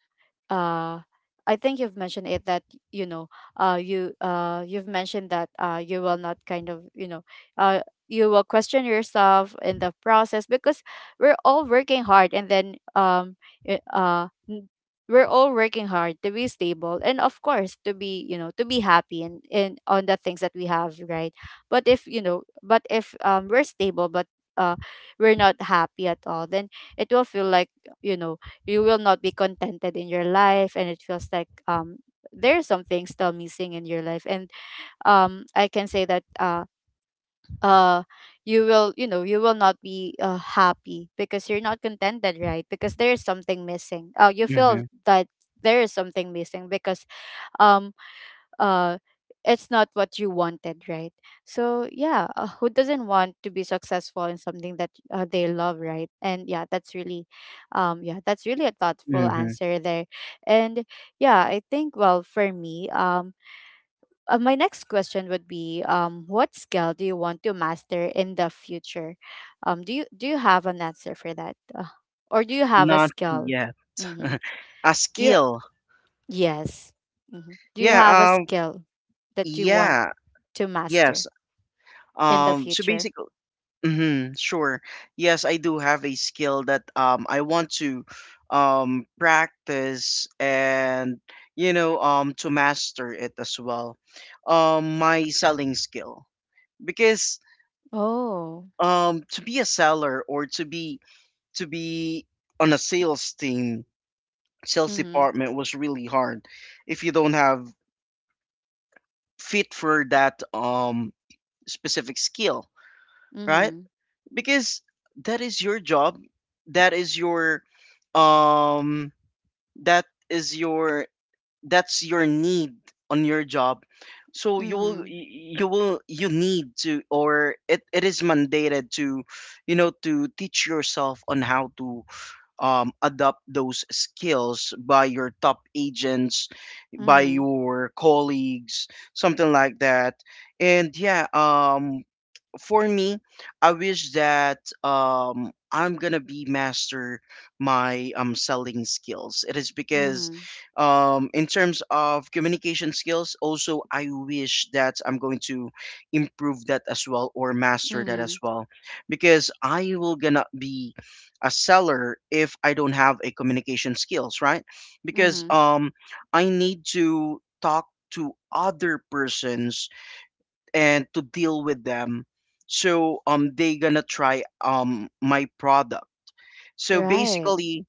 [SPEAKER 2] uh I think you've mentioned it that, you know, you've mentioned that you will not, kind of, you know, uh you will question yourself in the process. Because we're all working hard, and then i- uh n- we're all working hard to be stable, and of course to be, you know, to be happy and in on the things that we have, right? But if, you know, but if we're stable, but uh we're not happy at all, then it will feel like, you know, you will not be contented in your life. And it feels like there are some things still missing in your life. And I can say that uh you will, you know, you will not be happy because you're not contented, right? Because there is something missing. You feel
[SPEAKER 1] hmm
[SPEAKER 2] that there is something missing because um uh it's not what you wanted, right? So yeah, who doesn't want to be successful in something that they love, right? And yeah, that's really yeah, that's really a thoughtful
[SPEAKER 1] hmm
[SPEAKER 2] answer there. And yeah, I think, well, for me, my next question would be, what skill do you want to master in the future? Do you have an answer for that, or do you have a
[SPEAKER 1] Not
[SPEAKER 2] skill
[SPEAKER 1] yet.
[SPEAKER 2] mm-hmm.
[SPEAKER 1] A
[SPEAKER 2] do you
[SPEAKER 1] skill.
[SPEAKER 2] Yes, hmm, do you have a
[SPEAKER 1] Yeah,
[SPEAKER 2] skill that you want
[SPEAKER 1] yeah,
[SPEAKER 2] to
[SPEAKER 1] yes.
[SPEAKER 2] master in the
[SPEAKER 1] So
[SPEAKER 2] future?
[SPEAKER 1] basically hmm Sure. Yes, I do have a skill that I want to practice and to master it as well. My selling skill because
[SPEAKER 2] Oh.
[SPEAKER 1] to be a seller or to be on a sales team, sales
[SPEAKER 2] Mhm.
[SPEAKER 1] department was really hard if you don't have fit for that specific skill, right?
[SPEAKER 2] Mhm.
[SPEAKER 1] Because that is your job, that is your um that is your that's your need on your job. So you will
[SPEAKER 2] Mhm.
[SPEAKER 1] y- you will you need to, or it is mandated to to teach yourself on how to adopt those skills by your top agents, by
[SPEAKER 2] Mhm.
[SPEAKER 1] your colleagues, something like that. And for me, I wish that I'm gonna be master my selling skills. It is because,
[SPEAKER 2] Mhm.
[SPEAKER 1] in terms of communication skills, also I wish that I'm going to improve that as well or master that as
[SPEAKER 2] Mhm.
[SPEAKER 1] well, because I will gonna be a seller if I don't have a communication skills, right? Because
[SPEAKER 2] Mhm.
[SPEAKER 1] I need to talk to other persons and to deal with them so they gonna try my product, so
[SPEAKER 2] Right.
[SPEAKER 1] basically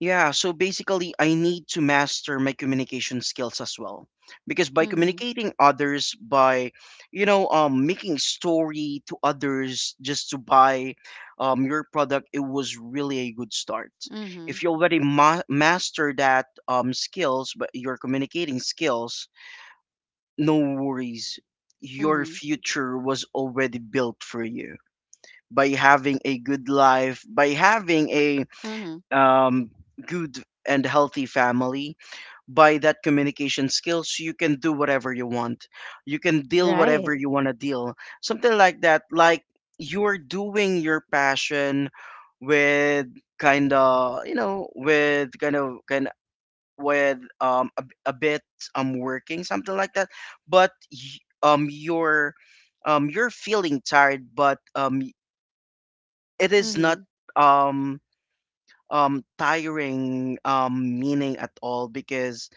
[SPEAKER 1] yeah so basically I need to master my communication skills as well because by
[SPEAKER 2] Mhm.
[SPEAKER 1] communicating others by making story to others just to buy your product, it was really a good start
[SPEAKER 2] Mhm.
[SPEAKER 1] if you already master that skills but your communicating skills, no worries. Your
[SPEAKER 2] Mhm.
[SPEAKER 1] future was already built for you by having a good life, by having a
[SPEAKER 2] Mhm.
[SPEAKER 1] um, good and healthy family. By that communication skills, you can do whatever you want. You can deal
[SPEAKER 2] Right.
[SPEAKER 1] whatever you want to deal. Something like that. Like you're doing your passion with kind, with a bit working, something like that, but y- um you're you're feeling tired but it is not
[SPEAKER 2] Mhm.
[SPEAKER 1] um tiring meaning at all because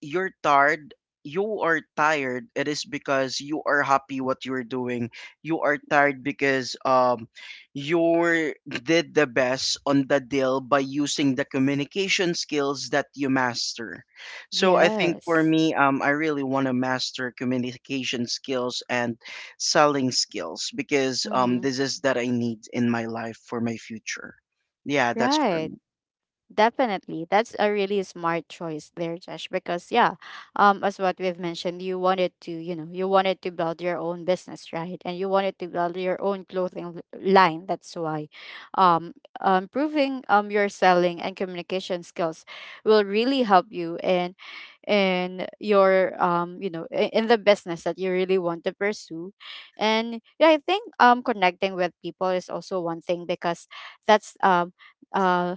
[SPEAKER 1] you're tired you are tired, it is because you are happy what you're doing, you are tired because you did the best on the deal by using the communication skills that you master. So I think for
[SPEAKER 2] Yes.
[SPEAKER 1] me I really want to master communication skills and selling skills because
[SPEAKER 2] Mhm.
[SPEAKER 1] this is that I need in my life for my future. Yeah, that's for
[SPEAKER 2] Right.
[SPEAKER 1] me.
[SPEAKER 2] Definitely. That's a really smart choice there, Josh. Because yeah, as what we've mentioned, you wanted to, you know, you wanted to build your own business, right? And you wanted to build your own clothing line. That's why um improving your selling and communication skills will really help you in your you know, in the business that you really want to pursue. And yeah, I think connecting with people is also one thing. Because that's uh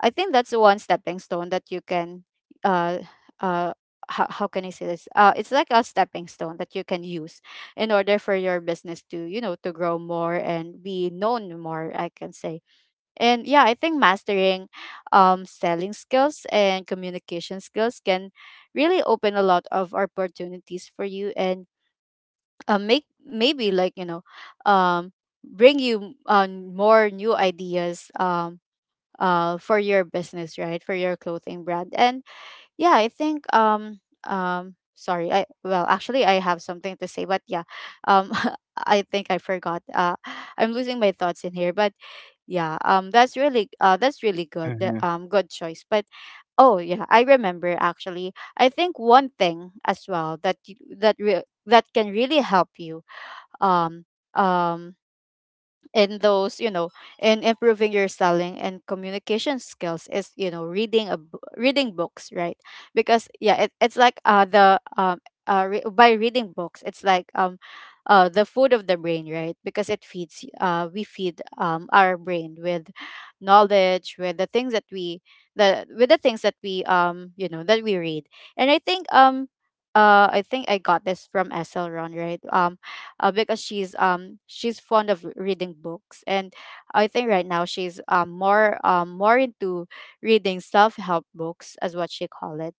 [SPEAKER 2] I think that's one stepping stone that you can uh uh how can I say this? It's like a stepping stone that you can use in order for your business to, you know, to grow more and be known more, I can say. And yeah, I think mastering selling skills and communication skills can really open a lot of opportunities for you, and make, maybe, like, um bring you on more new ideas, for your business, right, for your clothing brand. And yeah I think sorry, I, well, actually, I have something to say, but um I think I forgot. I'm losing my thoughts in here, but yeah, that's really... that's really good,
[SPEAKER 1] hmm
[SPEAKER 2] good choice. But oh yeah, I remember, actually, I think one thing as well that that can really help you, um um in those, in improving your selling and communication skills, is, reading reading books, right? Because yeah, it's like... by reading books it's like, the food of the brain, right? Because it feeds we feed our brain with knowledge, with the things that we the with the things that we, you know, that we read. And I think I got this from Esselron, right? Because she's fond of reading books, and I think right now she's more into reading self-help books, as what she called it,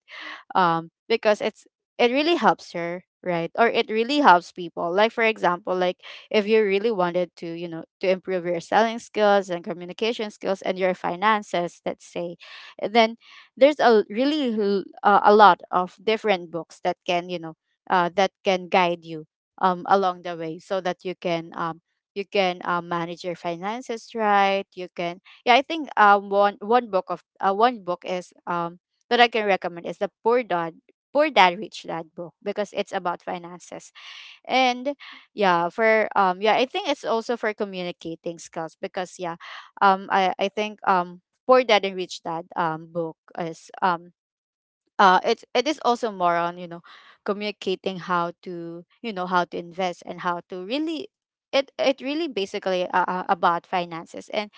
[SPEAKER 2] because it really helps her, right? Or it really helps people, like, for example, like, if you really wanted to, to improve your selling skills and communication skills and your finances, let's say, then there's a really a lot of different books that can, that can guide you, along the way, so that you can, manage your finances, right? You can... yeah, I think, one book of one book is, that I can recommend, is the Poor Dad, Poor Dad Rich Dad book, because it's about finances. And yeah, for yeah, I think it's also for communicating skills, because yeah, I think, Poor Dad and Rich Dad, book is, it is also more on, you know, communicating how to, you know, how to invest, and how to really... it really basically, about finances. And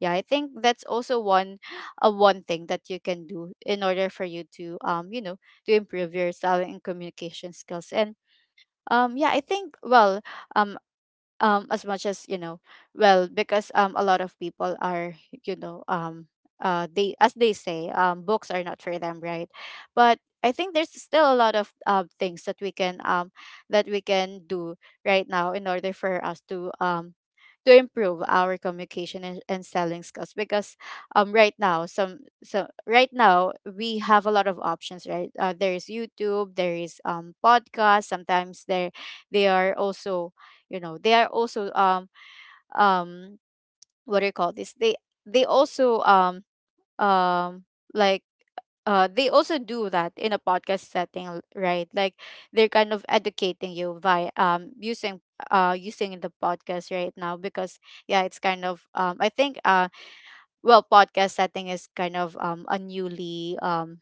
[SPEAKER 2] yeah, I think that's also one, one thing that you can do, in order for you to, you know, to improve your selling and communication skills. And yeah, I think, well, um as much as, you know, well, because a lot of people are, you know, they, as they say, books are not for them, right? But I think there's still a lot of things that we can do right now, in order for us to, to improve our communication and selling skills, because right now, some so right now we have a lot of options, right? There is YouTube, there is, podcast, sometimes there. They are also, you know, they are also, um what do you call this, they... they also um like, they also do that in a podcast setting, right, like, they're kind of educating you by, using the podcast right now, because yeah, it's kind of, I think, well, podcast setting is kind of, a newly...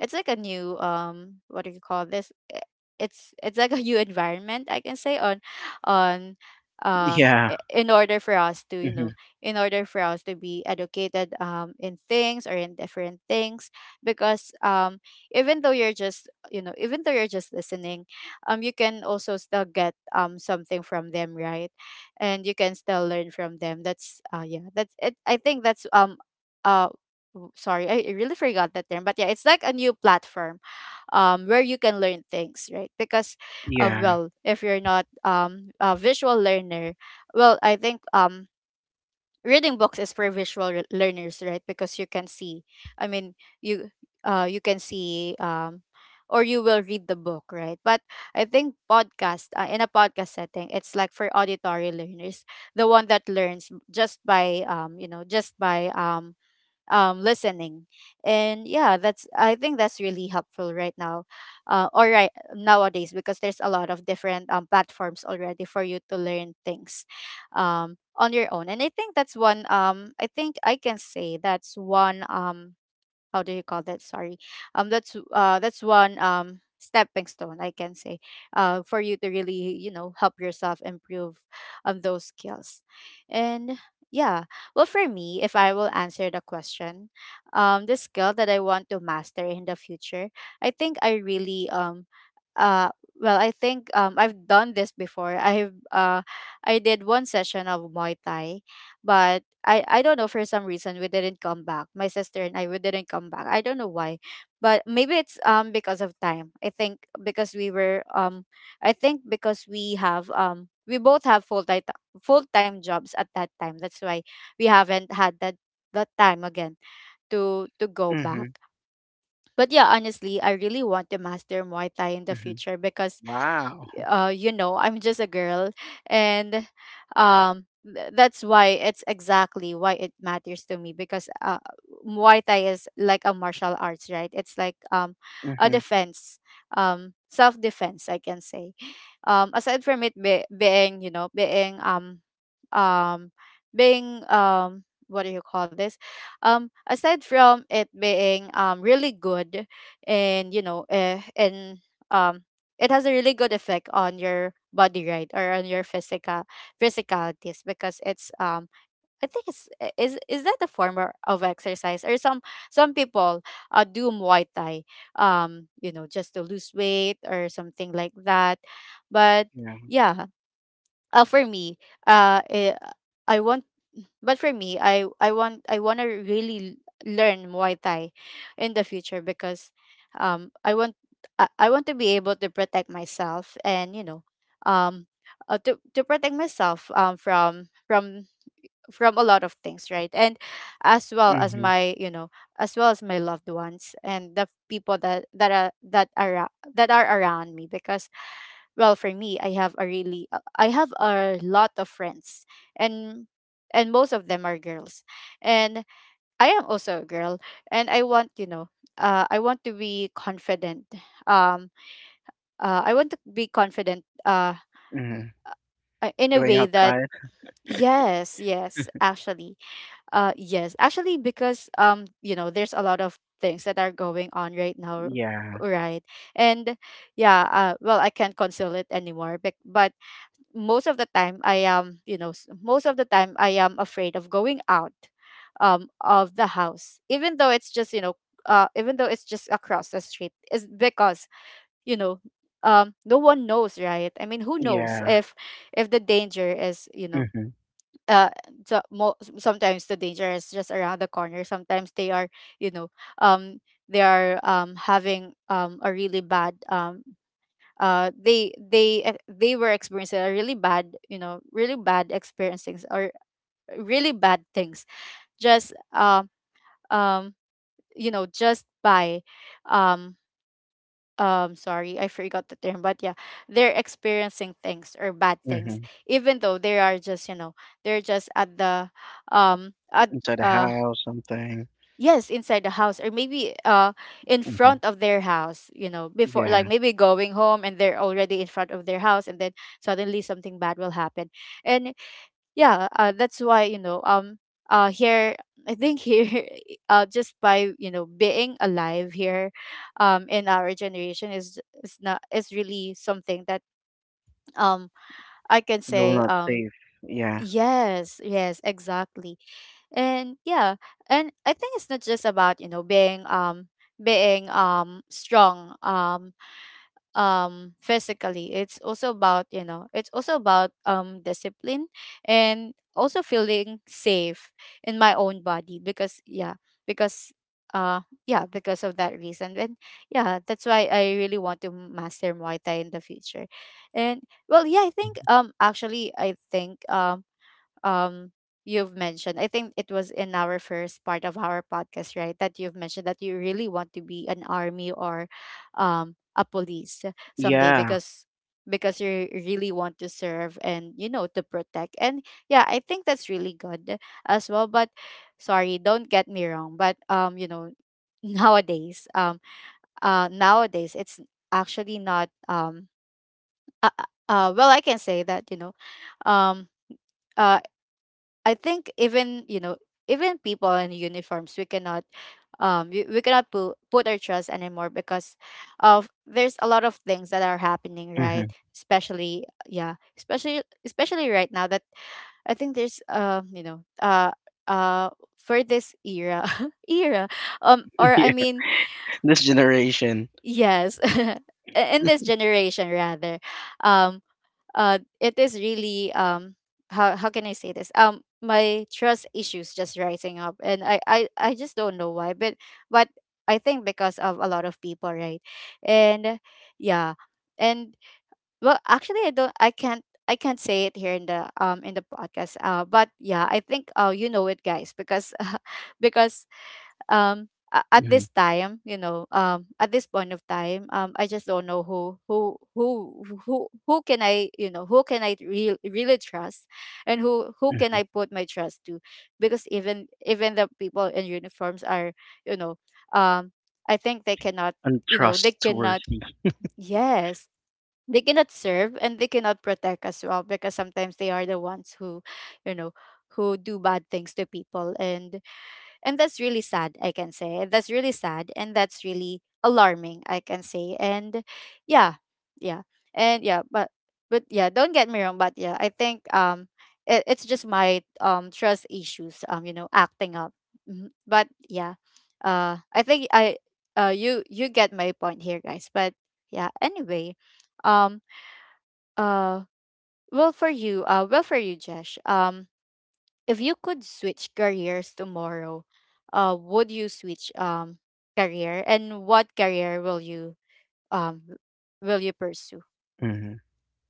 [SPEAKER 2] it's like a new, what do you call this? It's like a new environment, I can say, on... on...
[SPEAKER 1] yeah.
[SPEAKER 2] in order for us to, you know,
[SPEAKER 1] hmm
[SPEAKER 2] in order for us to be educated, in things, or in different things, because even though you're just, you know, even though you're just listening, you can also still get, something from them, right? And you can still learn from them. That's... yeah, that's it. I think that's, uh sorry, I really forgot that term, but yeah, it's like a new platform, where you can learn things, right? Because
[SPEAKER 1] yeah.
[SPEAKER 2] well, if you're not, a visual learner, well, I think, reading books is for visual learners, right? Because you can see. I mean, you... you can see, or you will read the book, right? But I think, podcast in a podcast setting, it's like for auditory learners, the one that learns just by, you know, just by, listening. And yeah, that's I think that's really helpful right now, or right nowadays, because there's a lot of different, platforms already for you to learn things, on your own. And I think that's one. I think I can say that's one. How do you call that, sorry? That's that's one, stepping stone, I can say, for you to really, you know, help yourself improve on those skills. And yeah, well, for me, if I will answer the question, the skill that I want to master in the future, I think I really, uh well, I think, I've done this before. I did one session of Muay Thai. But I don't know, for some reason we didn't come back. My sister and I, we didn't come back. I don't know why, but maybe it's, because of time, I think, because we were I think because we both have full time jobs at that time. That's why we haven't had that, time again, to go back.
[SPEAKER 1] hmm
[SPEAKER 2] But yeah, honestly, I really want to master Muay Thai in the
[SPEAKER 1] hmm
[SPEAKER 2] future because,
[SPEAKER 1] Wow.
[SPEAKER 2] you know, I'm just a girl, and that's why it's exactly why it matters to me, because, Muay Thai is like a martial arts, right? It's like, a
[SPEAKER 1] Mhm.
[SPEAKER 2] defense, self defense, I can say. Aside from it being, you know, being, um being, what do you call this? Aside from it being, really good, and, you know, and, um it has a really good effect on your body, right? Or on your physicalities, because it's, I think it's... is that a form of exercise? Or some, people, do Muay Thai, you know, just to lose weight or something like that. But
[SPEAKER 1] Yeah.
[SPEAKER 2] yeah, for me... eh, I want but for me, I want to really learn Muay Thai in the future, because um I want I want to be able to protect myself, and, you know, um to protect myself, from a lot of things, right? And
[SPEAKER 1] Mhm.
[SPEAKER 2] as well as my loved ones, and the people that are around me, because, well, for me, I have a lot of friends, and and most of them are girls, and I am also a girl, and I want, you know, I want to be confident, um I want to be confident,
[SPEAKER 1] Mhm.
[SPEAKER 2] in a
[SPEAKER 1] Going
[SPEAKER 2] way that...
[SPEAKER 1] outside.
[SPEAKER 2] yes, yes, actually, yes, actually, because, you know, there's a lot of things that are going on right now,
[SPEAKER 1] Yeah.
[SPEAKER 2] right? And yeah, well, I can't conceal it anymore, but most of the time I am, you know, most of the time I am afraid of going out, of the house, even though it's just, you know, even though it's just across the street, is because, you know, no one knows, right? I mean, who knows
[SPEAKER 1] Yeah.
[SPEAKER 2] if the danger is, you know,
[SPEAKER 1] Mhm.
[SPEAKER 2] uh, so sometimes the danger is just around the corner. Sometimes they are, you know, um, they are having, a really bad, they were experiencing a really bad, you know, really bad experiences, or really bad things, just, um you know, just by, um sorry, I forgot the term, but yeah, they're experiencing things or bad things,
[SPEAKER 1] Mhm.
[SPEAKER 2] even though they are just, you know, they're just at the, at
[SPEAKER 1] Inside the
[SPEAKER 2] uh
[SPEAKER 1] house, something.
[SPEAKER 2] Yes, inside the house, or maybe, in
[SPEAKER 1] Mhm.
[SPEAKER 2] front of their house, you know, before,
[SPEAKER 1] Yeah.
[SPEAKER 2] like, maybe going home, and they're already in front of their house, and then suddenly something bad will happen. And yeah, that's why, here, I think here just by, you know, being alive here in our generation is not is really something that um I can
[SPEAKER 1] Real
[SPEAKER 2] say.
[SPEAKER 1] not safe. Yeah.
[SPEAKER 2] Yes, yes, exactly. And yeah, and I think it's not just about, you know, being strong, physically. It's also about, you know, it's also about discipline and also feeling safe in my own body, because yeah, because uh yeah, because of that reason. And yeah, that's why I really want to master Muay Thai in the future. And well, yeah, I think
[SPEAKER 1] Mhm.
[SPEAKER 2] actually, I think um you've mentioned, I think it was in our first part of our podcast, right, that you've mentioned that you really want to be an army or a police someday,
[SPEAKER 1] Yeah.
[SPEAKER 2] because you really want to serve and, you know, to protect. And yeah, I think that's really good as well. But sorry, don't get me wrong, but you know, nowadays, nowadays it's actually not well, I can say that, you know, um uh I think even, you know, even people in uniforms we cannot, we cannot put our trust anymore, because of there's a lot of things that are happening, right?
[SPEAKER 1] Mhm.
[SPEAKER 2] Especially yeah, especially right now, that I think there's uh for this era era, or I
[SPEAKER 1] Yeah.
[SPEAKER 2] mean,
[SPEAKER 1] This generation.
[SPEAKER 2] yes. In this generation rather. um it is really how, how can I say this, my trust issues just rising up, and I just don't know why, but but I think because of a lot of people, right? And yeah, and well, actually, I can't, I can't say it here in the podcast, but yeah, I think, you know it, guys, because because um at
[SPEAKER 1] Mhm.
[SPEAKER 2] this time, you know, at this point of time, I just don't know who can I, you know, who can I really trust, and who can
[SPEAKER 1] Mhm.
[SPEAKER 2] I put my trust to, because even the people in uniforms are, you know, um I think they cannot, you know, they cannot,
[SPEAKER 1] Untrustworthy.
[SPEAKER 2] yes, they cannot serve and they cannot protect as well, because sometimes they are the ones who, you know, who do bad things to people. And that's really sad, I can say. That's really sad and that's really alarming, I can say. And yeah, yeah. And yeah, but yeah, don't get me wrong, but yeah, I think it, it's just my trust issues, you know, acting up. Mhm. But yeah. I think I, you, you get my point here, guys. But yeah, anyway, um uh well for you, Jesh. If you could switch careers tomorrow, would you switch career, and what career will you, um w- will you pursue?
[SPEAKER 1] Mhm.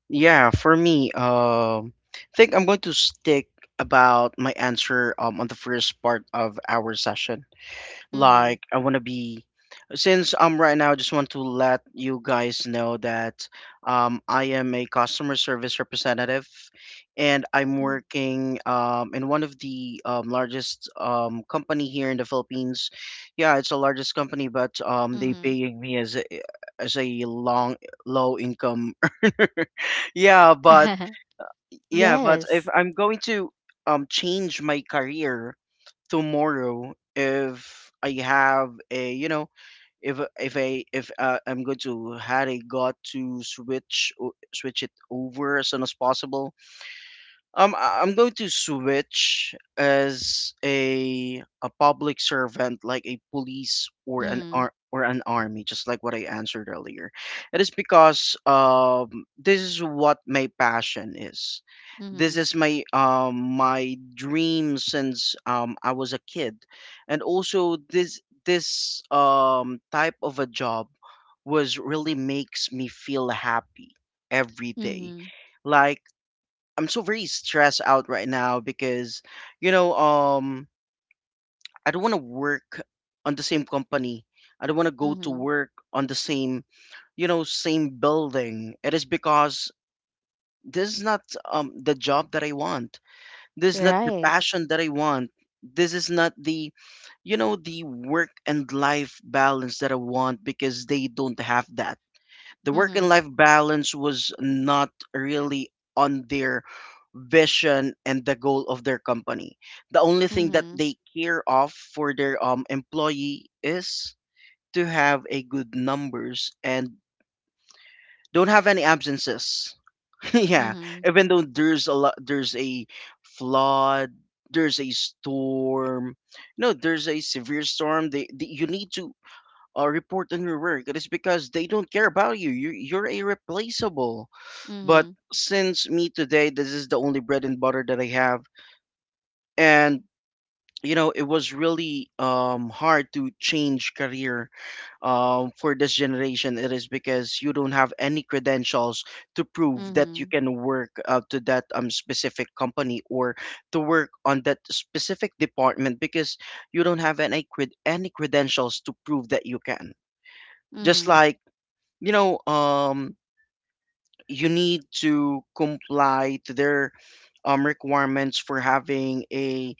[SPEAKER 1] Yeah. For me, I think I'm going to stick about my answer on the first part of our session.
[SPEAKER 2] Mm-hmm.
[SPEAKER 1] Like I want to be since right now I just want to let you guys know that I am a customer service representative and I'm working in one of the largest company here in the Philippines. Yeah, it's the largest company but they
[SPEAKER 2] Mm-hmm.
[SPEAKER 1] paying me as a long low income yeah, but yeah, but if
[SPEAKER 2] Yes.
[SPEAKER 1] I'm going to change my career tomorrow. If I have a, you know, if I if I'm going to had a got to switch it over as soon as possible, I'm going to switch as a public servant, like a police or an
[SPEAKER 2] Mm.
[SPEAKER 1] army, just like what I answered earlier. It is because this is what my passion is.
[SPEAKER 2] Mm-hmm.
[SPEAKER 1] This is my my dream since I was a kid, and also this type of a job was really makes me feel happy every day.
[SPEAKER 2] Mm-hmm.
[SPEAKER 1] Like I'm so very stressed out right now because, you know, I don't want to work on the same company. I don't want to go to
[SPEAKER 2] Mm-hmm.
[SPEAKER 1] work on the same, you know, same building. It is because this is not the job that I want. This is not the
[SPEAKER 2] Right.
[SPEAKER 1] passion that I want. This is not the, you know, the work and life balance that I want because they don't have that. The work
[SPEAKER 2] Mm-hmm.
[SPEAKER 1] and life balance was not really on their vision and the goal of their company. The only thing that
[SPEAKER 2] Mm-hmm.
[SPEAKER 1] they care of for their employee is to have a good numbers and don't have any absences. Yeah,
[SPEAKER 2] Mm-hmm.
[SPEAKER 1] even though there's a lot, there's a flood, there's a storm. No, there's a severe storm. They you need to report on your work. It is because they don't care about you. You, you're irreplaceable. But
[SPEAKER 2] Mm-hmm.
[SPEAKER 1] since me today, this is the only bread and butter that I have. And you know, it was really hard to change career for this generation. It is because you don't have any credentials to prove that you
[SPEAKER 2] Mm-hmm.
[SPEAKER 1] can work to that specific company or to work on that specific department because you don't have any credentials to prove that you can. Just
[SPEAKER 2] Mm-hmm.
[SPEAKER 1] like you know, you need to comply to their requirements for having a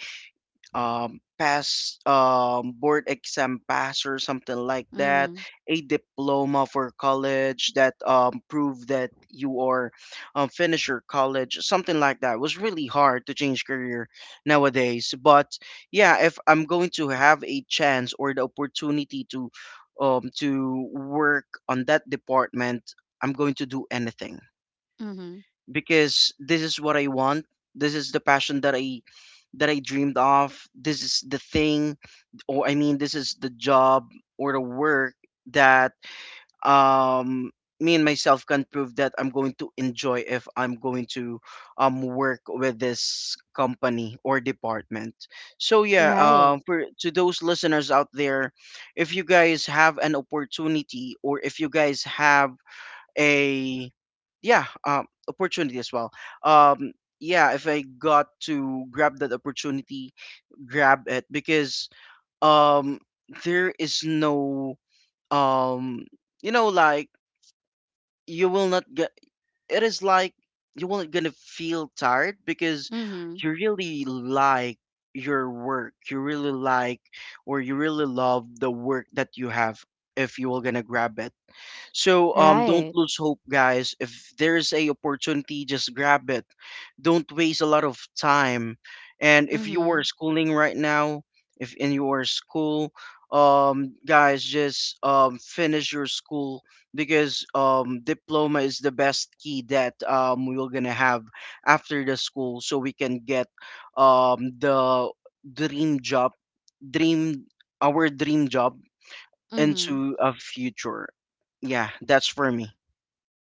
[SPEAKER 1] pass board exam pass or something like that,
[SPEAKER 2] Mm-hmm.
[SPEAKER 1] a diploma for college that prove that you are finish your college, something like that. It was really hard to change career nowadays. But yeah, if I'm going to have a chance or the opportunity to work on that department, I'm going to do anything
[SPEAKER 2] Mm-hmm.
[SPEAKER 1] because this is what I want. This is the passion that I dreamed of. This is the thing, or I mean this is the job or the work that um me and myself can prove that I'm going to enjoy if I'm going to work with this company or department. So yeah,
[SPEAKER 2] Right.
[SPEAKER 1] for to those listeners out there, if you guys have an opportunity or if you guys have a yeah opportunity as well, um yeah, if I got to grab that opportunity, grab it because um there is no um you know like you will not get it is like you will not gonna feel tired because
[SPEAKER 2] Mm-hmm.
[SPEAKER 1] you really like your work, you really like or you really love the work that you have if you will gonna grab it. So don't
[SPEAKER 2] Right.
[SPEAKER 1] lose hope, guys. If there's a opportunity, just grab it. Don't waste a lot of time. And if you are
[SPEAKER 2] Mm-hmm.
[SPEAKER 1] schooling right now, if in your school, guys, just finish your school because diploma is the best key that we're gonna have after the school, so we can get the dream job, dream our dream job
[SPEAKER 2] Mm-hmm.
[SPEAKER 1] into a future. Yeah, that's for me.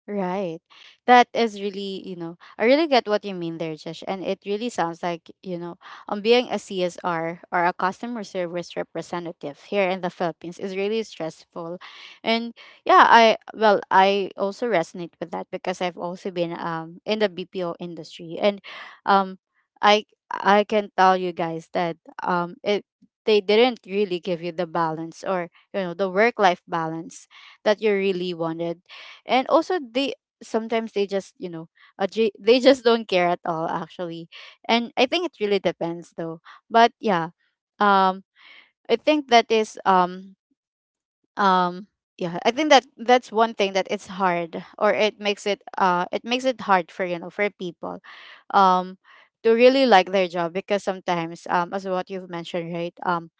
[SPEAKER 2] Right. That is really, you know, I really get what you mean there, Josh. And it really sounds like, you know, being a CSR or a customer service representative here in the Philippines is really stressful. And yeah, I, well, I also resonate with that because I've also been in the BPO industry. And um I I can tell you guys that it they didn't really give you the balance or, you know, the work life balance that you really wanted. And also they, sometimes they just, you know, they just don't care at all, actually. And I think it really depends though. But yeah, um I think that is um yeah, I think that that's one thing that it's hard, or it makes it hard for, you know, for people um to really like their job, because sometimes, as what you've mentioned, right, um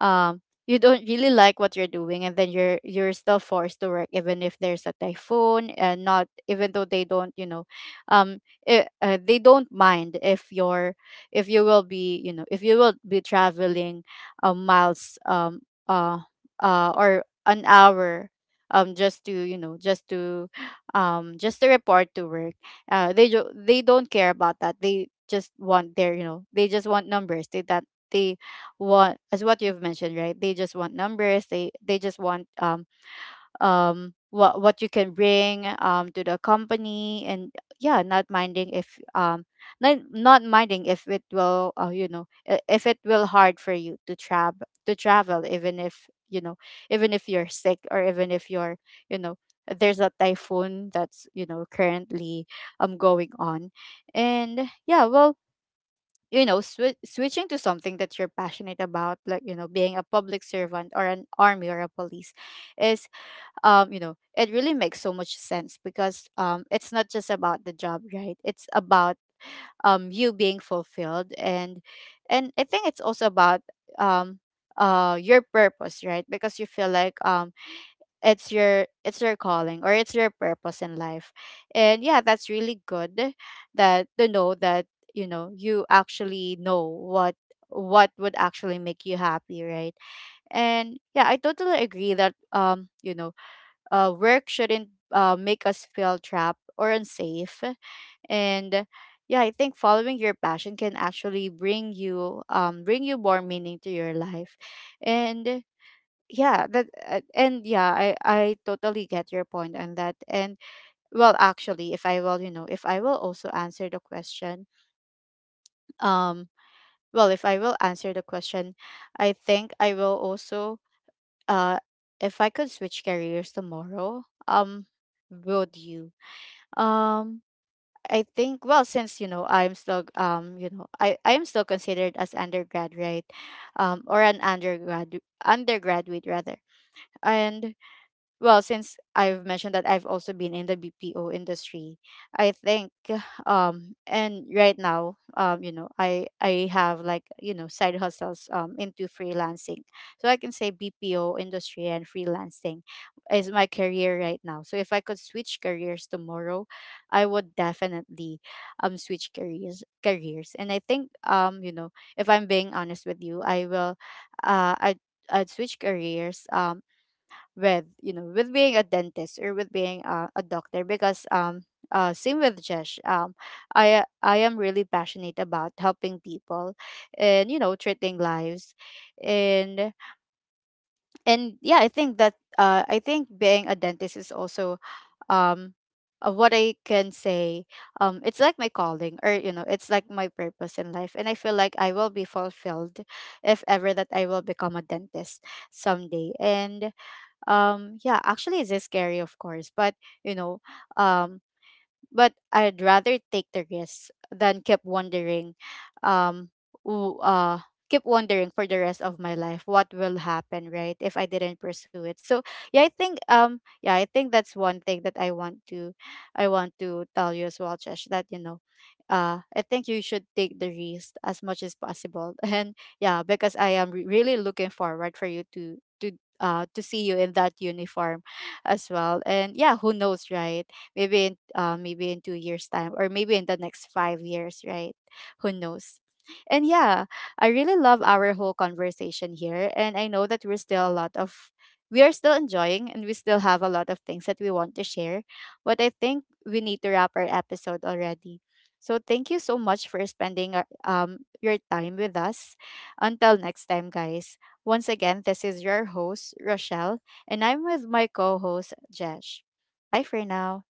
[SPEAKER 2] um you don't really like what you're doing, and then you're still forced to work even if there's a typhoon. And not, even though they don't, you know, um they don't mind if you're, if you will be, you know, if you will be traveling, miles, uh or an hour, just to, you know, just to, just to report to work. They they don't care about that. They just want their, you know, they just want numbers. They want, as what you've mentioned, right, they just want numbers. They just want what you can bring to the company. And yeah, not minding if not minding if it will, you know, if it will hard for you to travel, to travel, even if, you know, even if you're sick, or even if you're, you know, there's a typhoon that's, you know, currently going on. And yeah, well, you know, switching to something that you're passionate about, like, you know, being a public servant or an army or a police, is, you know, it really makes so much sense, because it's not just about the job, right? It's about you being fulfilled. And I think it's also about um your purpose, right? Because you feel like it's your, it's your calling, or it's your purpose in life. And yeah, that's really good, that to know that, you know, you actually know what would actually make you happy, right? And yeah, I totally agree that, you know, work shouldn't make us feel trapped or unsafe. And yeah, I think following your passion can actually bring you, bring you more meaning to your life. And yeah that and yeah, I totally get your point on that. And well, actually, if I will, you know, if I will also answer the question, um well, if I will answer the question, I think I will also, uh if I could switch careers tomorrow, would you, um I think, well, since, you know, I'm still, you know, I am still considered as undergrad, right, or an undergrad, undergraduate rather. And well, since I've mentioned that I've also been in the BPO industry, I think and right now, you know, I have, like, you know, side hustles into freelancing. So I can say BPO industry and freelancing is my career right now. So if I could switch careers tomorrow, I would definitely switch careers. And I think, you know, if I'm being honest with you, I will, uh I I'd switch careers with, you know, with being a dentist, or with being a doctor, because same with Jesh. I am really passionate about helping people and, you know, treating lives. and and yeah, I think that, I think being a dentist is also, um, what I can say, it's like my calling, or, you know, it's like my purpose in life. And I feel like I will be fulfilled if ever that I will become a dentist someday. And yeah, actually it is scary, of course, but, you know, um but I'd rather take the risk than keep wondering, um, w- uh, keep wondering for the rest of my life what will happen, right, if I didn't pursue it. So yeah, I think, yeah, I think that's one thing that I want to tell you as well, Josh, that, you know, I think you should take the risk as much as possible, and yeah, because I am really looking forward for you to, to see you in that uniform as well. And yeah, who knows, right? Maybe in maybe in 2 years time, or maybe in the next 5 years, right? Who knows? And yeah, I really love our whole conversation here, and I know that we're still a lot of, we are still enjoying and we still have a lot of things that we want to share, but I think we need to wrap our episode already. So thank you so much for spending your time with us. Until next time, guys. Once again, this is your host, Rochelle, and I'm with my co-host, Jesh. Bye for now.